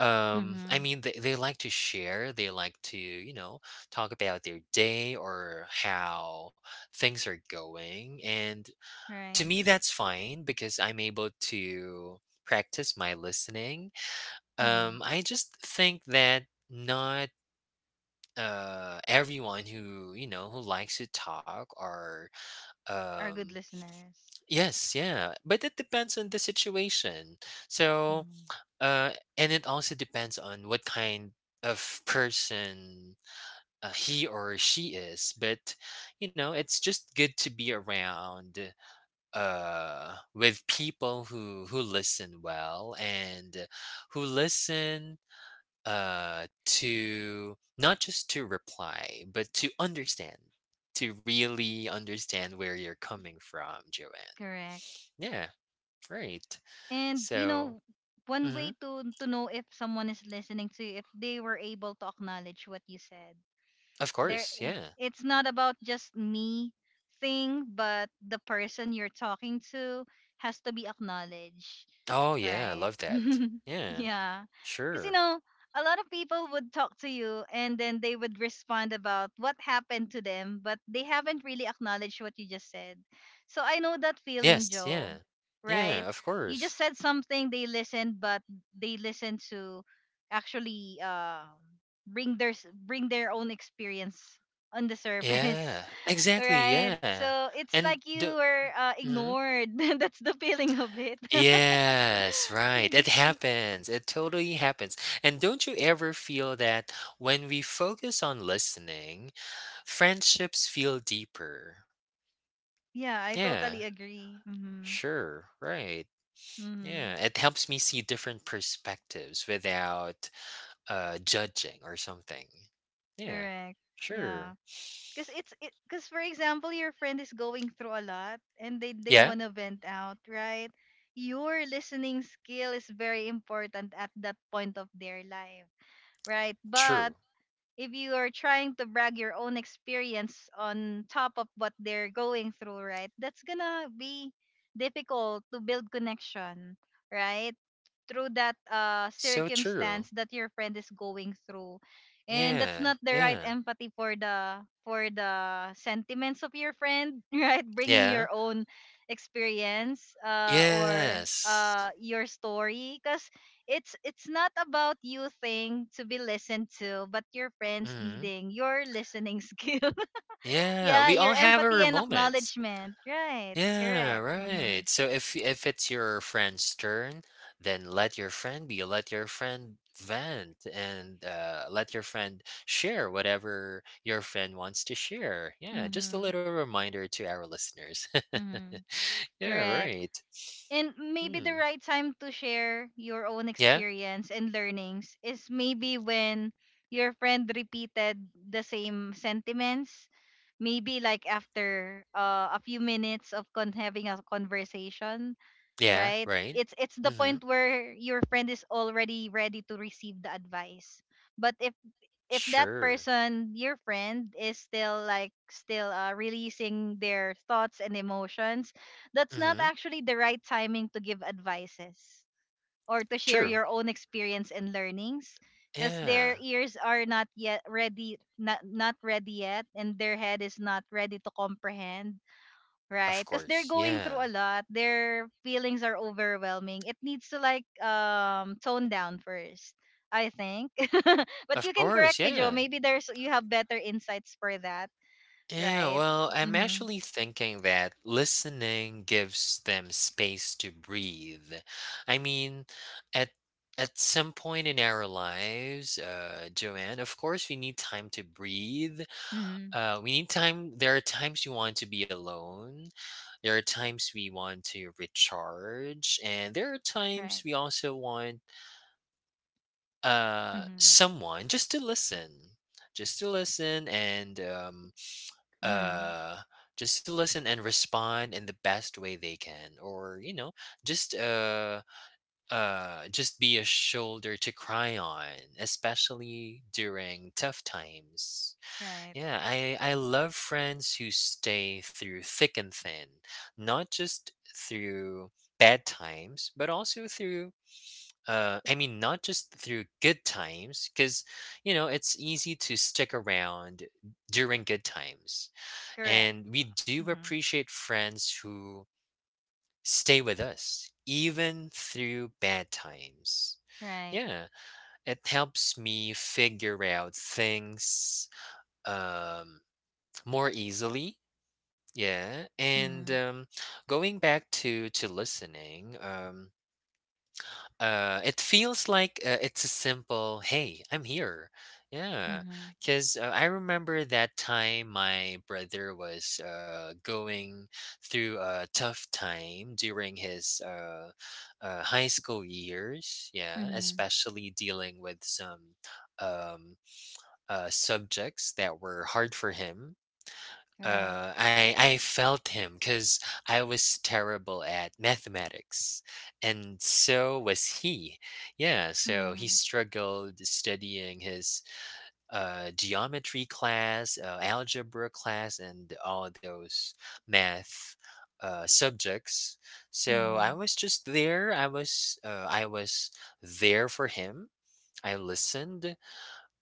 S2: I
S1: Mhm.
S2: mean, they like to share, they like to, you know, talk about their day or how things are going. And to
S1: Right.
S2: me, that's fine because I'm able to practice my listening.
S1: Mhm.
S2: I just think that not everyone who, you know, who likes to talk or
S1: Our good
S2: um
S1: listeners.
S2: yes, yeah, but it depends on the situation. So
S1: Mhm.
S2: and it also depends on what kind of person he or she is. But, you know, it's just good to be around with people who listen well and who listen to not just to reply, but to understand, to really understand where you're coming from, Joanne.
S1: Correct.
S2: Yeah, right.
S1: And you
S2: So,
S1: know, one way
S2: mhm,
S1: to know if someone is listening to you if they were able to acknowledge what you said.
S2: of
S1: There,
S2: course, yeah.
S1: it's not about just me thing, but the person you're talking to has to be acknowledged,
S2: Oh, yeah, I
S1: right?
S2: love that.
S1: [LAUGHS]
S2: Yeah,
S1: Yeah, because you
S2: sure.
S1: know, a lot of people would talk to you and then they would respond about what happened to them, but they haven't really acknowledged what you just said. So I know that feeling,
S2: Yes,
S1: joe,
S2: yeah.
S1: right?
S2: Yeah, of
S1: You
S2: course.
S1: just said something, they listened, but they listened to actually bring bring their own experience on the surface.
S2: Yeah,
S1: [LAUGHS]
S2: exactly,
S1: Right,
S2: yeah.
S1: so it's
S2: And
S1: like you
S2: do
S1: were
S2: mhm.
S1: ignored. [LAUGHS] That's the feeling of it. [LAUGHS]
S2: Yes, right. It happens. It totally happens. And don't you ever feel that when we focus on listening, friendships feel deeper?
S1: Yeah, I
S2: Yeah,
S1: totally agree. Mm-hmm.
S2: sure, right.
S1: Mm-hmm.
S2: Yeah, it helps me see different perspectives without judging or something. Yeah,
S1: Correct. Yeah,
S2: sure.
S1: because it's it because for example your friend is going through a lot and they
S2: Yeah,
S1: want to vent out, right? Your listening skill is very important at that point of their life, right? But
S2: true.
S1: if you are trying to brag your own experience on top of what they're going through, right? That's gonna be difficult to build connection, right? Through that
S2: So
S1: circumstance
S2: true.
S1: that your friend is going through. And that's
S2: Yeah,
S1: not the right
S2: yeah,
S1: empathy for the sentiments of your friend. [LAUGHS] Right, bringing
S2: yeah.
S1: your own experience uh or
S2: Yes.
S1: uh your story, because it's not about you thing to be listened to, but your friends
S2: Hmm.
S1: needing your listening skill. [LAUGHS]
S2: Yeah,
S1: Yeah,
S2: we
S1: your
S2: all have
S1: empathy
S2: our
S1: and
S2: moments.
S1: acknowledgement, right?
S2: Yeah,
S1: Correct. Mhm.
S2: right. So if it's your friend's turn, then let your friend be. Let your friend vent, and let your friend share whatever your friend wants to share. Yeah, just a
S1: Mhm.
S2: little reminder to our listeners. [LAUGHS]
S1: Mhm.
S2: Yeah,
S1: Correct.
S2: right.
S1: And maybe the
S2: Hmm.
S1: right time to share your own
S2: Yeah.
S1: experience and learnings is maybe when your friend repeated the same sentiments. Maybe like after a few minutes of having a conversation,
S2: Yeah.
S1: right?
S2: Right.
S1: It's the
S2: Mm-hmm.
S1: point where your friend is already ready to receive the advice. But if that
S2: Sure.
S1: person, your friend, is still like still releasing their thoughts and emotions, that's not
S2: Mm-hmm.
S1: actually the right timing to give advices or to share
S2: True.
S1: your own experience and learnings, because their
S2: Yeah.
S1: ears are not yet ready, not ready yet, and their head is not ready to comprehend,
S2: Of
S1: right? Because they're
S2: course.
S1: going
S2: Yeah.
S1: through a lot. Their feelings are overwhelming. It needs to like tone down first, I think. [LAUGHS] But you
S2: Of
S1: can
S2: course.
S1: correct me, Joe.
S2: Yeah.
S1: Maybe there's you have better insights for that,
S2: Yeah.
S1: right?
S2: Well, I'm
S1: Mhm.
S2: actually thinking that listening gives them space to breathe. I mean, at at some point in our lives, Joanne, of course, we need time to breathe.
S1: Mhm.
S2: We need time. There are times we want to be alone. There are times we want to recharge, and there are
S1: Right.
S2: times we also want
S1: Mhm.
S2: someone just to listen, just to listen, and
S1: Mhm.
S2: uh just to listen and respond in the best way they can, or you know, just uh just be a shoulder to cry on, especially during tough times.
S1: Right.
S2: Yeah, I love friends who stay through thick and thin, not just through bad times, but also through I mean not just through good times, cuz you know, it's easy to stick around during good times.
S1: Correct.
S2: And we do
S1: Mhm.
S2: appreciate friends who stay with us even through bad times.
S1: Right.
S2: Yeah, it helps me figure out things um more easily. Yeah, and
S1: Mhm.
S2: going back to listening, it feels like it's a simple, "Hey, I'm here." Yeah,
S1: Mhm.
S2: because I remember that time my brother was going through a tough time during his high school years. Yeah,
S1: Mhm.
S2: especially dealing with some um, subjects that were hard for him.
S1: Right.
S2: I felt him because I was terrible at mathematics, and so was he. Yeah, so he
S1: Mhm.
S2: struggled studying his geometry class, algebra class, and all those math subjects. So I
S1: Mhm.
S2: was just there. I was there for him. I listened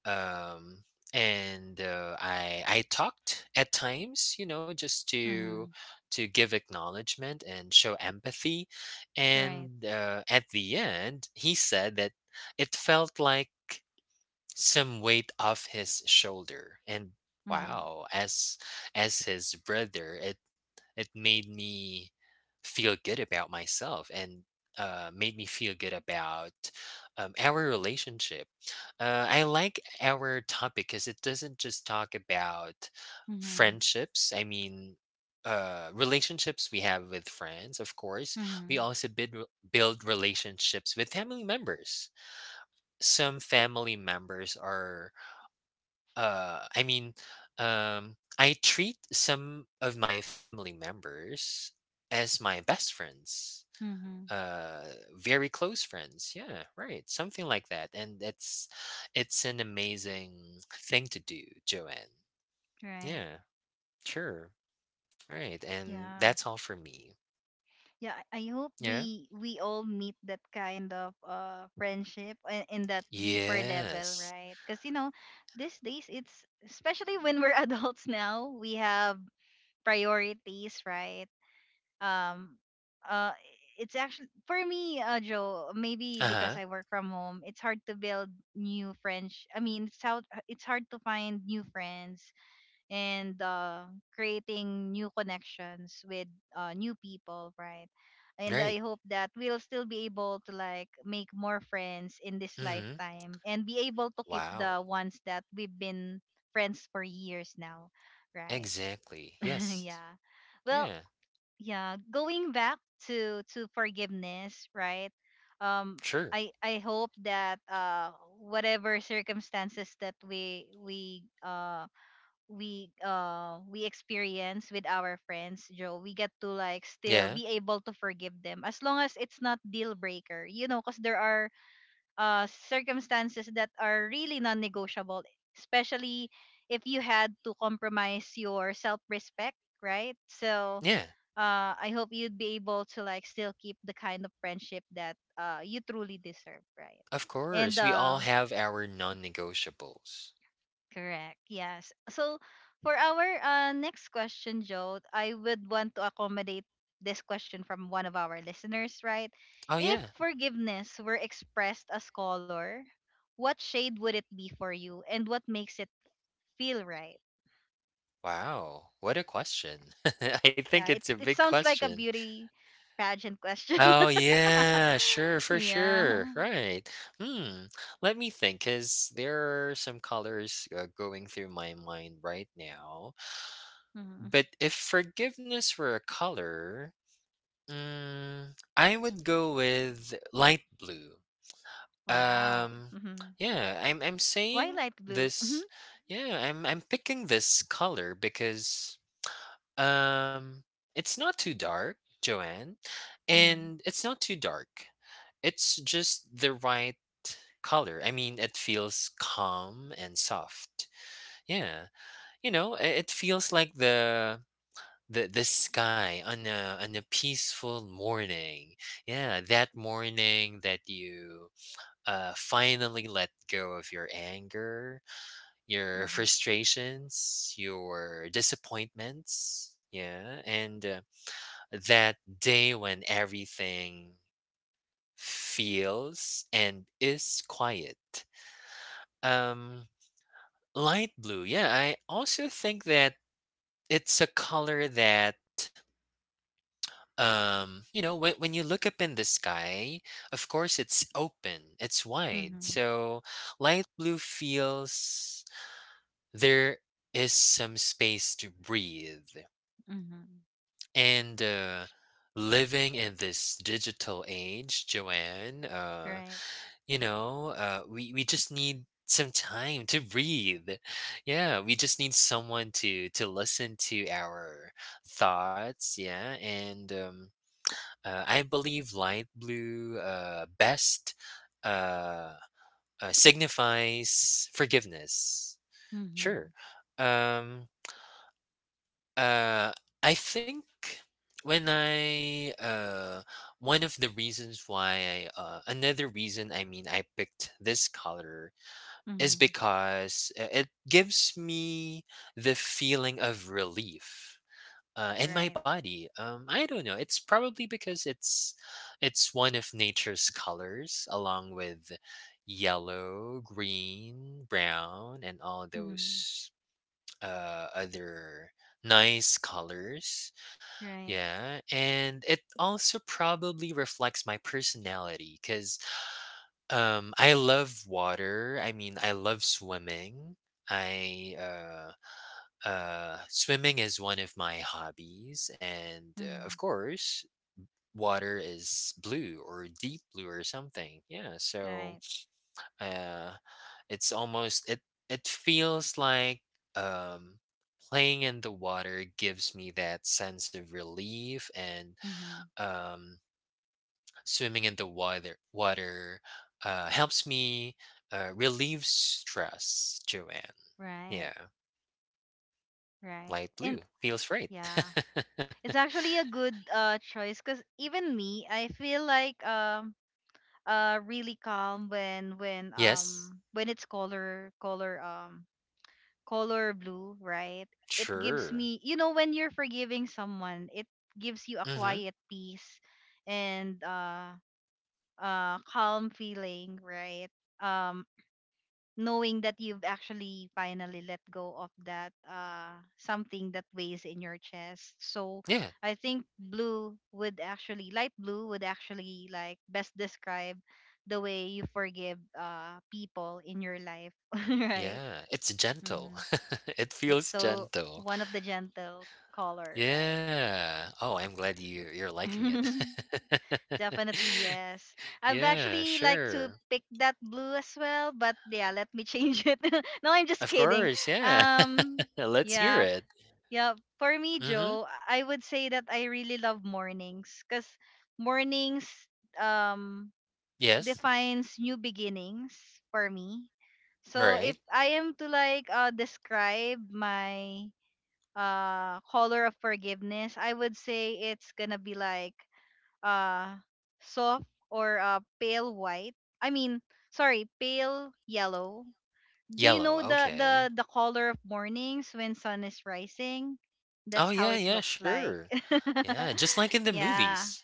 S2: um and I talked at times, you know, just
S1: Mhm.
S2: to give acknowledgement and show empathy,
S1: Right.
S2: and at the end he said that it felt like some weight off his shoulder, and
S1: Mhm.
S2: wow, as his brother, it made me feel good about myself, and made me feel good about our relationship. I like our topic because it doesn't just talk about
S1: Mhm.
S2: friendships. I mean relationships we have with friends, of course we
S1: Mhm.
S2: also build relationships with family members. Some family members are I mean I treat some of my family members as my best friends,
S1: Mhm.
S2: uh very close friends, yeah, right, something like that. And it's an amazing thing to do, Joanne.
S1: Right.
S2: Yeah, sure, right. And
S1: Yeah.
S2: that's all for me.
S1: Yeah, I hope
S2: Yeah,
S1: we all meet that kind of friendship in that deeper level,
S2: yes,
S1: right? Because you know, these days it's especially when we're [LAUGHS] adults now we have priorities, right? um uh it's actually for me, uh, joe, maybe because
S2: uh-huh,
S1: I work from home, it's hard to build new friends. I mean, it's how it's hard to find new friends. And creating new connections with new people, right? And I
S2: right,
S1: hope that we'll still be able to like make more friends in this
S2: mm-hmm,
S1: lifetime and be able to keep
S2: wow,
S1: the ones that we've been friends for years now, right?
S2: exactly,
S1: [LAUGHS]
S2: yes,
S1: Yeah. Well,
S2: yeah,
S1: yeah, going back to forgiveness, right? Um,
S2: sure.
S1: I hope that whatever circumstances that we experience with our friends, joe, we get to like still
S2: Yeah.
S1: be able to forgive them, as long as it's not deal breaker, you know, because there are circumstances that are really non-negotiable, especially if you had to compromise your self-respect, right? So
S2: Yeah.
S1: uh, I hope you'd be able to like still keep the kind of friendship that you truly deserve, right?
S2: Of
S1: And
S2: course. We all have our non negotiables.
S1: correct. Yes. So for our next question, Joe, I would want to accommodate this question from one of our listeners, right?
S2: Oh,
S1: If
S2: yeah.
S1: forgiveness were expressed as color, what shade would it be for you, and what makes it feel right?
S2: Wow. What a question. [LAUGHS] I think
S1: Yeah,
S2: it's
S1: it,
S2: a
S1: it
S2: big
S1: sounds like a
S2: question.
S1: beauty pageant question.
S2: Oh, yeah. Sure.
S1: [LAUGHS]
S2: For
S1: Yeah.
S2: sure. Right. Hmm. Let me think, because there are some colors going through my mind right now.
S1: Mhm.
S2: But if forgiveness were a color, mm, I would go with light blue.
S1: Wow.
S2: Um,
S1: Hmm.
S2: yeah, I'm
S1: Why
S2: saying
S1: light blue? Mm-hmm.
S2: this. Yeah, I'm picking this color because um, it's not too dark, Joanne,
S1: Mm-hmm.
S2: and it's not too dark. It's just the right color. I mean, it feels calm and soft. Yeah, you know, it feels like the sky on a peaceful morning. Yeah, that morning that you finally let go of your anger, your
S1: Mm-hmm.
S2: frustrations, your disappointments. Yeah. And that day when everything feels and is quiet. Um, light blue. Yeah. I also think that it's a color that you know when you look up in the sky, of course it's open, it's wide,
S1: Mm-hmm.
S2: so light blue feels there is some space to breathe.
S1: Mm-hmm.
S2: And living in this digital age, Joanne,
S1: Right.
S2: you know, we just need some time to breathe. Yeah, we just need someone to listen to our thoughts. Yeah, and I believe light blue best uh, signifies forgiveness.
S1: Mm-hmm.
S2: Sure. Um, uh, I think when I one of the reasons why I another reason, I mean, I picked this color is
S1: Mm-hmm.
S2: because it gives me the feeling of relief in my
S1: Right.
S2: body. Um, I don't know. It's probably because it's one of nature's colors, along with yellow, green, brown, and all
S1: Mm-hmm.
S2: those other nice colors.
S1: Right.
S2: Yeah, and it also probably reflects my personality, because I love water. I mean, I love swimming. I swimming is one of my hobbies, and of
S1: Mm-hmm.
S2: course, water is blue or deep blue or something. Yeah, so
S1: Right.
S2: uh, it's almost it feels like um playing in the water gives me that sense of relief, and
S1: Mm-hmm.
S2: um swimming in the water helps me relieve stress, Joanne.
S1: Right.
S2: Yeah,
S1: Right.
S2: light blue
S1: And
S2: feels right.
S1: yeah,
S2: [LAUGHS]
S1: it's actually a good choice, because even me, I feel like really calm when
S2: Yes,
S1: when it's color blue, right? It gives
S2: sure.
S1: me, you know, when you're forgiving someone, it gives you a
S2: Mm-hmm.
S1: quiet peace and calm feeling, right? Um, knowing that you've actually finally let go of that something that weighs in your chest. So
S2: Yeah,
S1: I think blue would actually light blue would actually like best describe the way you forgive people in your life. [LAUGHS] Right.
S2: yeah. It's gentle.
S1: Hmm.
S2: [LAUGHS] It
S1: It's
S2: feels
S1: so
S2: gentle.
S1: one of the gentle color, right?
S2: Yeah. Oh, I'm glad you're liking it.
S1: [LAUGHS]
S2: [LAUGHS]
S1: Definitely, yes. I've
S2: Yeah,
S1: actually like to
S2: sure.
S1: pick that blue as well, but yeah, let me change it. [LAUGHS] No, I'm just
S2: Of
S1: kidding.
S2: course, yeah.
S1: Um,
S2: [LAUGHS] Let's hear
S1: yeah.
S2: it.
S1: Yeah, for me,
S2: Mm-hmm.
S1: Joe, I would say that I really love mornings, cuz mornings um
S2: Yes.
S1: defines new beginnings for me. So
S2: Right.
S1: if I am to like describe my color of forgiveness, I would say it's going to be like uh soft or pale white. I mean, sorry, pale yellow. Do you
S2: Yellow.
S1: know the
S2: Okay.
S1: color of mornings when sun is rising?
S2: Oh
S1: That's how
S2: yeah,
S1: it
S2: yeah,
S1: looks like.
S2: sure.
S1: [LAUGHS]
S2: Yeah, just like in the
S1: Yeah,
S2: movies.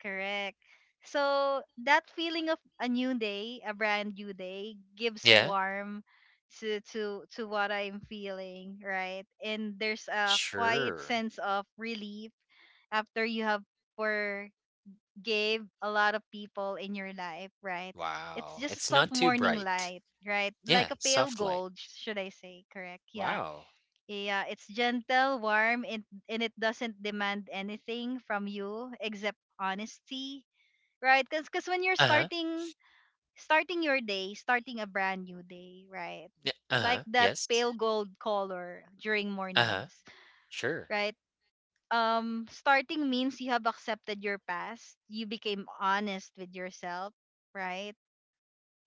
S1: correct. So that feeling of a new day, a brand new day, gives
S2: Yeah.
S1: warm to what I'm feeling, right? And there's a quiet
S2: Sure.
S1: sense of relief after you have for gave a lot of people in your life, right? It's
S2: Wow.
S1: just a
S2: It's
S1: soft
S2: not too
S1: morning
S2: bright.
S1: light, right? Like
S2: Yeah,
S1: a pale
S2: soft light.
S1: gold, should I say, correct? Yeah.
S2: Wow.
S1: Yeah, it's gentle, warm, and it doesn't demand anything from you except honesty, right? Because when you're
S2: Uh-huh.
S1: starting your day, starting a brand new day, right?
S2: Yeah,
S1: Like
S2: uh-huh.
S1: that
S2: Yes.
S1: pale gold color during
S2: Uh-huh.
S1: mornings,
S2: Sure.
S1: right? Um, starting means you have accepted your past, you became honest with yourself, right?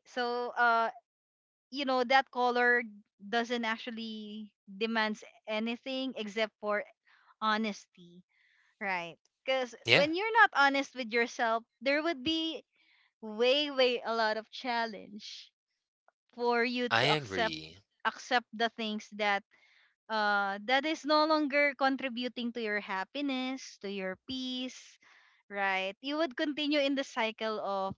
S1: So uh, you know that color doesn't actually demands anything except for honesty, right? Because
S2: Yeah,
S1: when you're not honest with yourself, there would be way a lot of challenge for you
S2: I
S1: to
S2: agree.
S1: accept the things that that is no longer contributing to your happiness, to your peace, right? You would continue in the cycle of,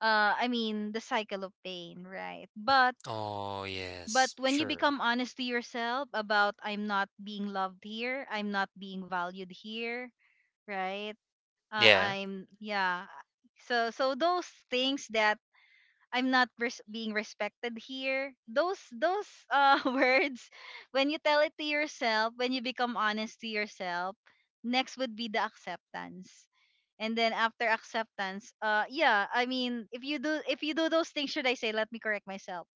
S1: I mean, the cycle of pain, right?
S2: Oh,
S1: But
S2: yes.
S1: when you
S2: Sure.
S1: become honest to yourself, about I'm not being loved here, I'm not being valued here, right?
S2: Yeah,
S1: I'm yeah. So so those things that I'm not res- being respected here. Those [LAUGHS] words, when you tell it to yourself, when you become honest to yourself, next would be the acceptance. And then after acceptance, yeah, I mean, if you do those things, should I say, let me correct myself,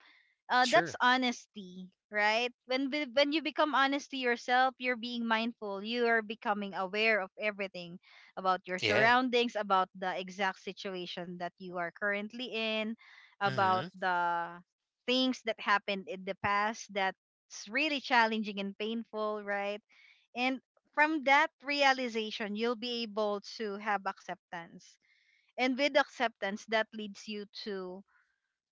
S1: that's
S2: sure.
S1: honesty, right? When when you become honest to yourself, you're being mindful. You are becoming aware of everything about your
S2: Yeah.
S1: surroundings, about the exact situation that you are currently in, about
S2: Mhm.
S1: the things that happened in the past that's really challenging and painful, right? And from that realization, you'll be able to have acceptance. And with acceptance, that leads you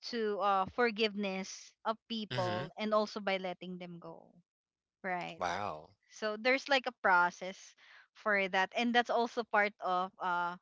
S1: to forgiveness of people,
S2: Mhm.
S1: and also by letting them go, right?
S2: Wow.
S1: So there's like a process for that, and that's also part of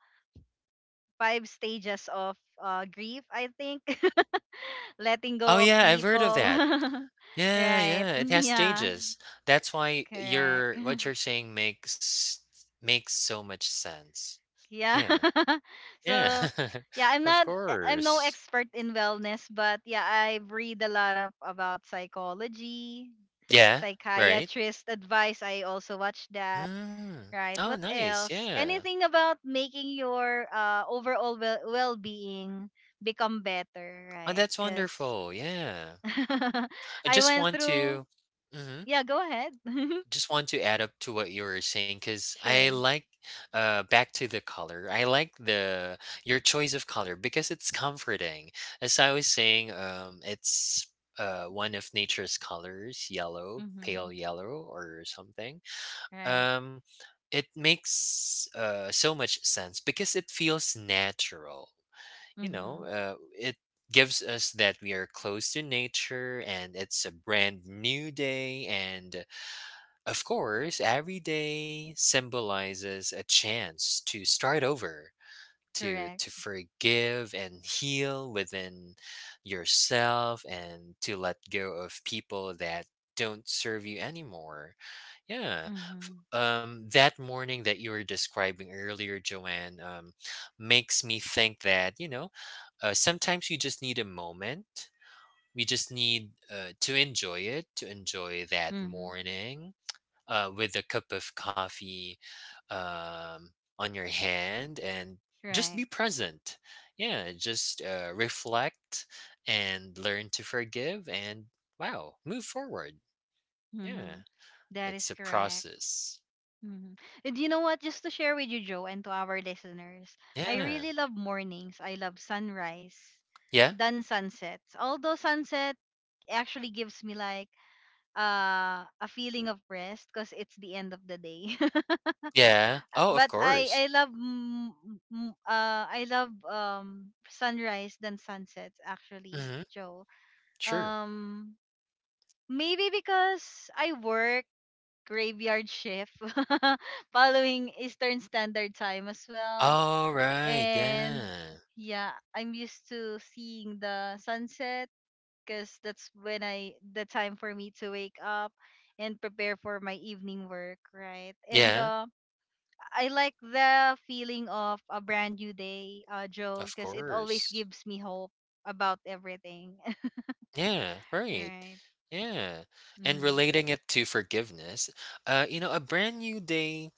S1: 5 stages of grief, I think. [LAUGHS] Letting
S2: Oh
S1: go of
S2: yeah, I've heard of
S1: people.
S2: that.
S1: [LAUGHS]
S2: Yeah,
S1: Right.
S2: yeah,
S1: [LAUGHS]
S2: it has
S1: Yeah,
S2: stages. That's why
S1: correct.
S2: your what you're saying makes makes so much sense.
S1: Yeah.
S2: Yeah.
S1: [LAUGHS]
S2: Yeah.
S1: So, yeah, I'm
S2: [LAUGHS] Of
S1: not I'm no
S2: course.
S1: expert in wellness, but yeah, I read a lot of about psychology,
S2: Yeah, right?
S1: psychiatrist advice. I also watch that.
S2: Mm.
S1: Right.
S2: Oh,
S1: What
S2: nice.
S1: else?
S2: Yeah.
S1: Anything about making your overall well-being become better,
S2: Oh,
S1: right?
S2: that's
S1: Cuz
S2: wonderful. Yeah.
S1: [LAUGHS]
S2: I
S1: I
S2: just
S1: went
S2: want
S1: through.
S2: to mhm.
S1: Yeah, go ahead. [LAUGHS]
S2: Just want to add up to what you were saying because I
S1: Sure.
S2: like back to the color. I like the your choice of color because it's comforting. As I was saying, it's one of nature's colors, yellow,
S1: Mhm.
S2: pale yellow or something.
S1: Right.
S2: Um, it makes so much sense because it feels natural. You know,
S1: Mhm.
S2: it gives us that we are close to nature, and it's a brand new day, and of course, every day symbolizes a chance to start over,
S1: Correct.
S2: to forgive and heal within yourself and to let go of people that don't serve you anymore. Yeah.
S1: Mhm.
S2: That morning that you were describing earlier, Joanne, makes me think that, you know, sometimes you just need a moment. We just need to enjoy it, to enjoy that
S1: Mhm.
S2: morning with a cup of coffee um, on your hand and just
S1: Right.
S2: be present. Yeah, just reflect and learn to forgive and wow, move forward. Yeah,
S1: Mm-hmm. That
S2: it's
S1: is
S2: a
S1: correct.
S2: process.
S1: Mm-hmm. And you know what? Just to share with you, Joe, and to our listeners, I
S2: Yeah,
S1: really love mornings. I love sunrise
S2: yeah,
S1: than sunsets. Although sunset actually gives me like a feeling of rest because it's the end of the day.
S2: yeah. Oh,
S1: [LAUGHS]
S2: of
S1: But I
S2: course.
S1: I love I love sunrise than sunsets actually,
S2: Mm-hmm.
S1: Joe.
S2: Sure.
S1: Um, Maybe because I work graveyard shift [LAUGHS] following Eastern Standard Time as well.
S2: All right.
S1: And
S2: Yeah,
S1: yeah, I'm used to seeing the sunset because that's when I the time for me to wake up and prepare for my evening work, right? And
S2: yeah,
S1: uh, I like the feeling of a brand new day, Joe,
S2: of
S1: because it always
S2: course.
S1: gives me hope about everything. [LAUGHS]
S2: Yeah, right.
S1: Right.
S2: Yeah. And
S1: Mm-hmm.
S2: relating it to forgiveness, you know, a brand new day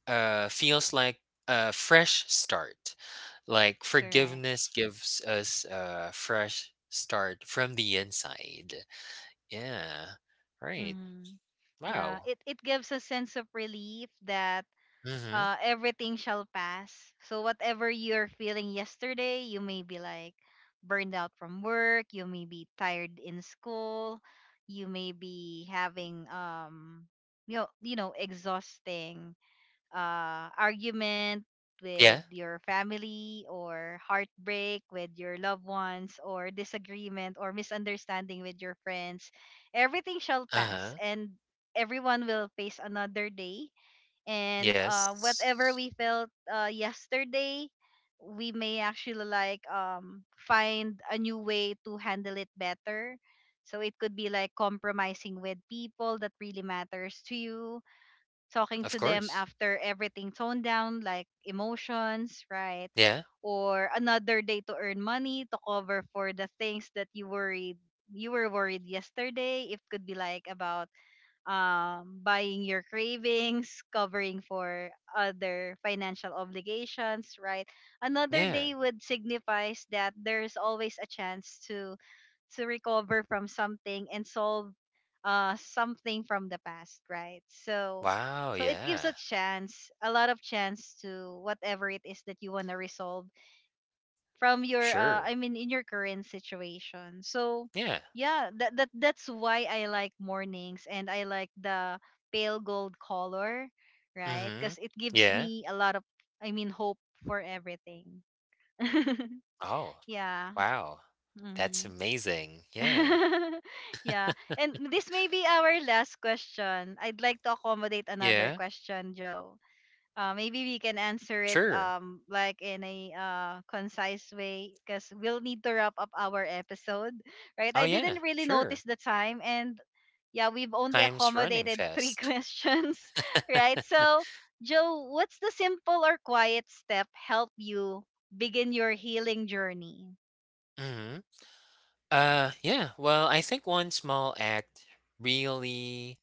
S2: feels like a fresh start. Like
S1: Correct.
S2: forgiveness gives us a fresh start from the inside. Yeah. Right.
S1: Mm-hmm. Yeah,
S2: Wow.
S1: it gives a sense of relief that
S2: Mm-hmm.
S1: everything shall pass. So whatever you're feeling yesterday, you may be like burned out from work, you may be tired in school, you may be having exhausting argument with
S2: Yeah.
S1: your family or heartbreak with your loved ones or disagreement or misunderstanding with your friends, everything shall pass
S2: Uh-huh.
S1: and everyone will face another day, and whatever
S2: Yes.
S1: we felt yesterday, we may actually like find a new way to handle it better, so it could be like compromising with people that really matters to you, talking
S2: Of
S1: to them
S2: course.
S1: after everything toned down, like emotions, right?
S2: Yeah.
S1: Or another day to earn money to cover for the things that you were worried yesterday. It could be like about buying your cravings, covering for other financial obligations, right? Another
S2: Yeah.
S1: day would signifies that there's always a chance to recover from something and solve something from the past, right? So
S2: Wow,
S1: so it gives a
S2: yeah.
S1: chance, a lot of chance to whatever it is that you want to resolve from your
S2: Sure.
S1: I mean in your current situation. So
S2: Yeah.
S1: yeah, that's why I like mornings and I like the pale gold color, right?
S2: Mm-hmm.
S1: Cuz it gives
S2: Yeah.
S1: me a lot of I mean hope for everything. [LAUGHS]
S2: Oh.
S1: Yeah.
S2: Wow. That's
S1: Mhm.
S2: amazing. Yeah.
S1: [LAUGHS] Yeah. And this may be our last question. I'd like to accommodate another
S2: Yeah.
S1: question, Joe. Maybe we can answer it
S2: Sure.
S1: like in a concise way because we'll need to wrap up our episode, right?
S2: Oh,
S1: I
S2: yeah.
S1: didn't really
S2: Sure.
S1: notice the time and yeah, we've only
S2: Time's running
S1: accommodated three [LAUGHS]
S2: fast.
S1: questions,
S2: [LAUGHS]
S1: right? So, Joe, what's the simple or quiet step help you begin your healing journey?
S2: hmm yeah. Well, I think one small act really,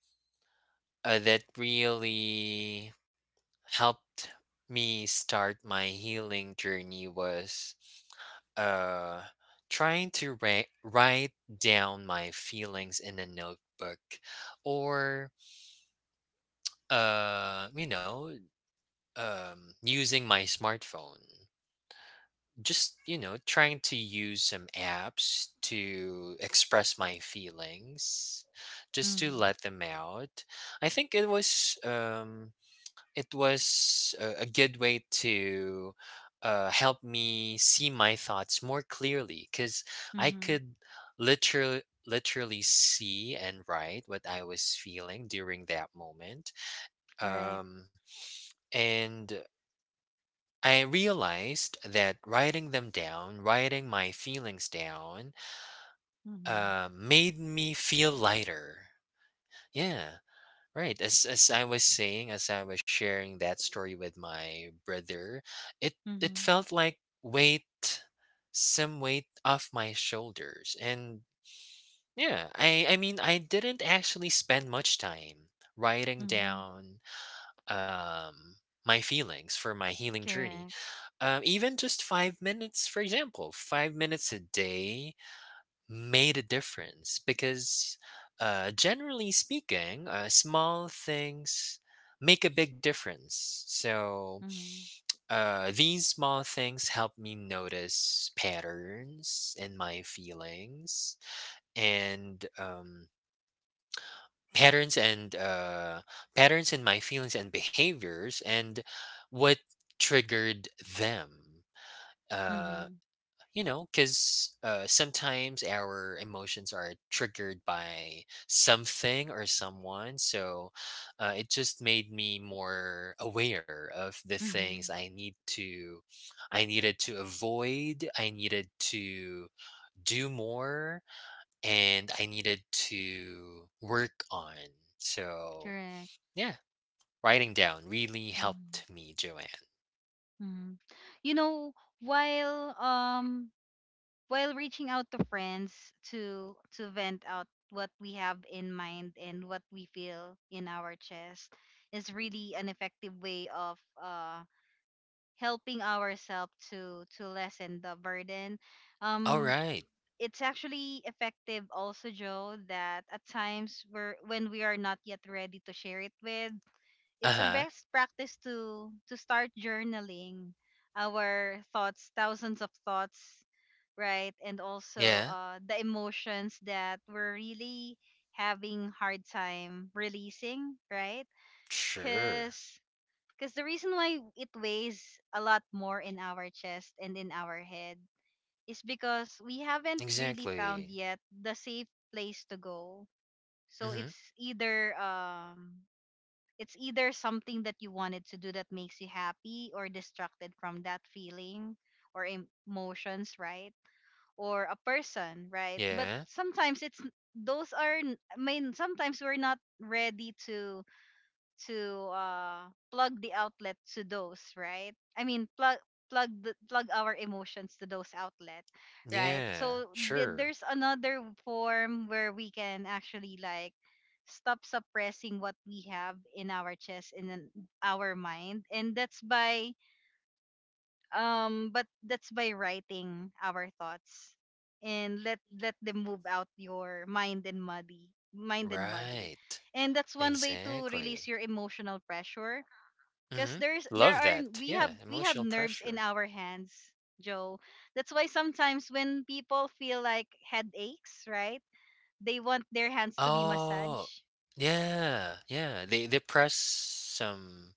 S2: that really helped me start my healing journey was, uh, trying to write down my feelings in a notebook or, you know, using my smartphone. Just, you know, trying to use some apps to express my feelings, just to
S1: Mhm.
S2: let them out. I think it was a good way to help me see my thoughts more clearly because I
S1: Mhm.
S2: could literally see and write what I was feeling during that moment.
S1: Right.
S2: Um, and I realized that writing them down, writing my feelings down,
S1: Mhm.
S2: made me feel lighter. Yeah, right. As I was saying, as I was sharing that story with my brother, it it
S1: Mhm.
S2: felt like weight, some weight off my shoulders. And yeah, I mean, I didn't actually spend much time writing
S1: Mhm.
S2: down um my feelings for my healing journey.
S1: Correct.
S2: Even just 5 minutes, for example, 5 minutes a day made a difference because, generally speaking, small things make a big difference. So,
S1: Mhm.
S2: these small things help me notice patterns in my feelings and, patterns and uh patterns in my feelings and behaviors and what triggered them uh,
S1: Mhm.
S2: you know because sometimes our emotions are triggered by something or someone so it just made me more aware of the things
S1: Mhm.
S2: I needed to avoid, I needed to do more, and I needed to work on. So
S1: Correct.
S2: yeah, writing down really helped
S1: Mhm.
S2: me, Joanne.
S1: Mhm. You know, while um while reaching out to friends to vent out what we have in mind and what we feel in our chest is really an effective way of helping ourselves to lessen the burden.
S2: All
S1: Um
S2: right.
S1: it's actually effective also Joe that at times we're when we are not yet ready to share it with, it's a
S2: Uh-huh.
S1: best practice to start journaling our thoughts, thousands of thoughts, right? And also
S2: Yeah.
S1: the emotions that we're really having hard time releasing, right?
S2: Sure.
S1: Cause Because the reason why it weighs a lot more in our chest and in our head is because we haven't really found
S2: Exactly.
S1: yet the safe place to go. So
S2: Hmm.
S1: it's either something that you wanted to do that makes you happy or distracted from that feeling or emotions, right? Or a person, right? But
S2: Yeah.
S1: sometimes it's those are, I mean, sometimes we're not ready to plug the outlet to those, right? I mean plug plug our emotions to those outlet, right?
S2: Yeah.
S1: So
S2: Sure.
S1: there's another form where we can actually like stop suppressing what we have in our chest in an, our mind, and that's by writing our thoughts and let them move out your mind and body,
S2: Right.
S1: and that's one way to
S2: Exactly.
S1: release your emotional pressure
S2: Hmm.
S1: because
S2: Love
S1: there are
S2: that. Yeah.
S1: we have
S2: Emotional
S1: nerves
S2: pressure.
S1: in our hands, Joe. That's why sometimes when people feel like headaches, right, they want their hands to be
S2: Oh,
S1: massaged.
S2: yeah. Yeah. They press some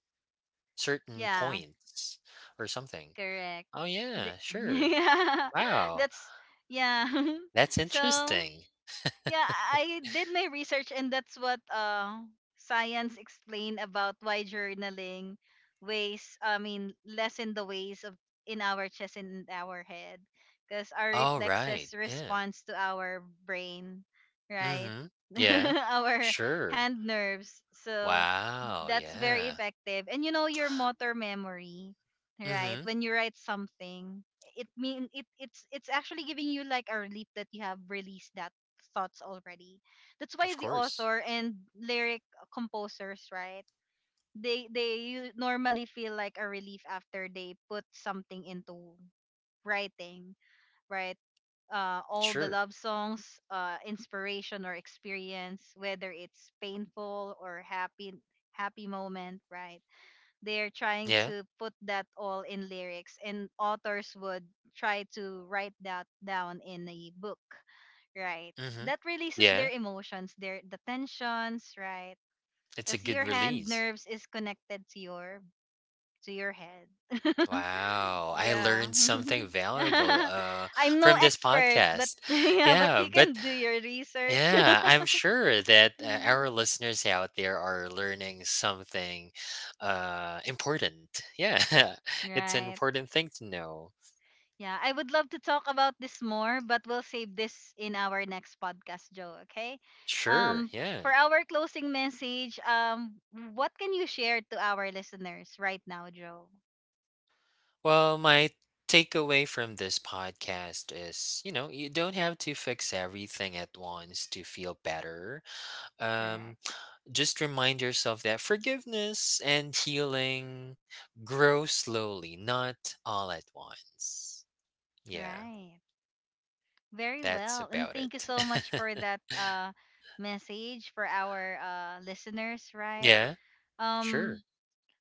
S2: certain
S1: Yeah,
S2: points or something.
S1: correct.
S2: Oh yeah.
S1: The- [LAUGHS]
S2: Sure.
S1: yeah,
S2: Wow.
S1: that's yeah [LAUGHS]
S2: That's
S1: so
S2: interesting.
S1: yeah, I did my research, and that's what science explained about why journaling ways, I mean, lessen the ways of in our chest and in our head, because our
S2: All right.
S1: reflexes
S2: Yeah.
S1: responds to our brain, right?
S2: Mm-hmm. Yeah.
S1: [LAUGHS] our
S2: Sure.
S1: hand nerves. So
S2: Wow.
S1: that's very
S2: Yeah.
S1: effective. And you know your motor memory, right?
S2: Mm-hmm.
S1: When you write something, it mean it it's actually giving you like a relief that you have released that thoughts already. That's why
S2: Of
S1: the
S2: course.
S1: author and lyric composers, right? They normally feel like a relief after they put something into writing, right? All the
S2: Sure.
S1: love songs, inspiration or experience, whether it's painful or happy moment, right? They're trying
S2: Yeah.
S1: to put that all in lyrics and authors would try to write that down in a book, right?
S2: Mhm.
S1: That releases their
S2: Yeah,
S1: emotions their the tensions, right?
S2: it's a
S1: Because
S2: good
S1: your hand
S2: release.
S1: nerves is connected to your head. [LAUGHS]
S2: Wow, I
S1: Yeah
S2: learned something valuable
S1: [LAUGHS] I'm no
S2: from this
S1: expert but
S2: podcast.
S1: [LAUGHS] yeah but
S2: Yeah,
S1: you
S2: but
S1: can do your research.
S2: yeah,
S1: [LAUGHS]
S2: I'm sure that our
S1: Mhm.
S2: listeners out there are learning something important. Yeah, [LAUGHS] it's an
S1: Right.
S2: important thing to know.
S1: Yeah, I would love to talk about this more, but we'll save this in our next podcast, Joe, okay?
S2: Sure,
S1: Um
S2: yeah.
S1: for our closing message, what can you share to our listeners right now, Joe?
S2: Well, my takeaway from this podcast is, you know, you don't have to fix everything at once to feel better. Um,
S1: Correct.
S2: just remind yourself that forgiveness and healing grow slowly, not all at once. Yeah,
S1: Right. Very
S2: that's
S1: well. And
S2: about
S1: thank you
S2: it.
S1: so much for
S2: [LAUGHS]
S1: that message for our listeners, right?
S2: Yeah, sure.
S1: Um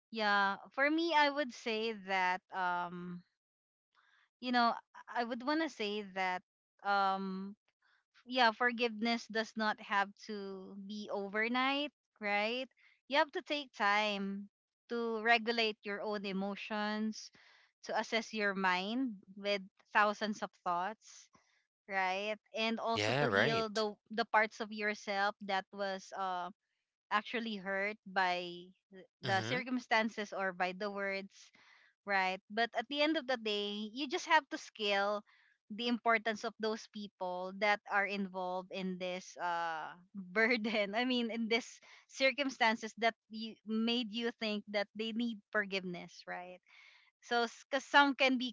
S1: yeah, for me I would say that you know, I would want to say that um yeah, forgiveness does not have to be overnight, right? You have to take time to regulate your own emotions, to assess your mind with thousands of thoughts, right? And also
S2: Yeah,
S1: to heal
S2: right.
S1: the parts of yourself that was actually hurt by the
S2: Mm-hmm.
S1: circumstances or by the words, right? But at the end of the day, you just have to scale the importance of those people that are involved in this [LAUGHS] burden. I mean, in this circumstances that you made you think that they need forgiveness, right? So, because some can be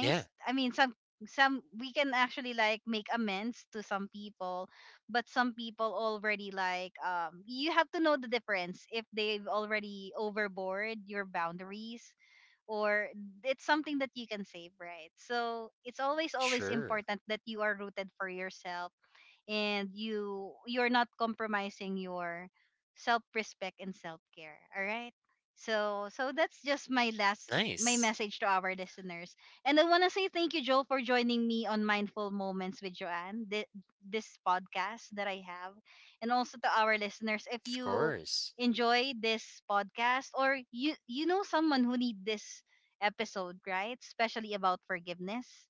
S2: Yeah,
S1: I mean, some we can actually like make amends to some people, but some people already like you have to know the difference if they've already overboard your boundaries or it's something that you can save, right? So it's always, always
S2: sure.
S1: important that you are rooted for yourself and you're not compromising your self-respect and self-care, all right? So so that's just my last my
S2: Nice.
S1: message to our listeners, and I want to say thank you, Joel, for joining me on Mindful Moments with Joanne, this podcast that I have, and also to our listeners, if
S2: Of
S1: you
S2: course.
S1: enjoy this podcast or you know someone who need this episode, right, especially about forgiveness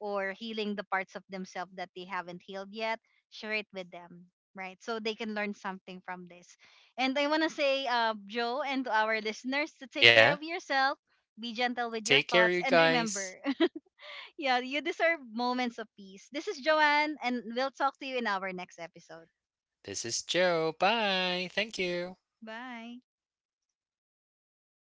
S1: or healing the parts of themselves that they haven't healed yet, share it with them, right, so they can learn something from this. And I want to say Joe and to our listeners, to take
S2: Yeah,
S1: care of yourself, be gentle with your
S2: take care,
S1: thoughts
S2: you
S1: and
S2: guys.
S1: remember, [LAUGHS] yeah, you deserve moments of peace. This is Joanne, and we'll talk to you in our next episode.
S2: This is Joe. Bye. Thank you.
S1: Bye.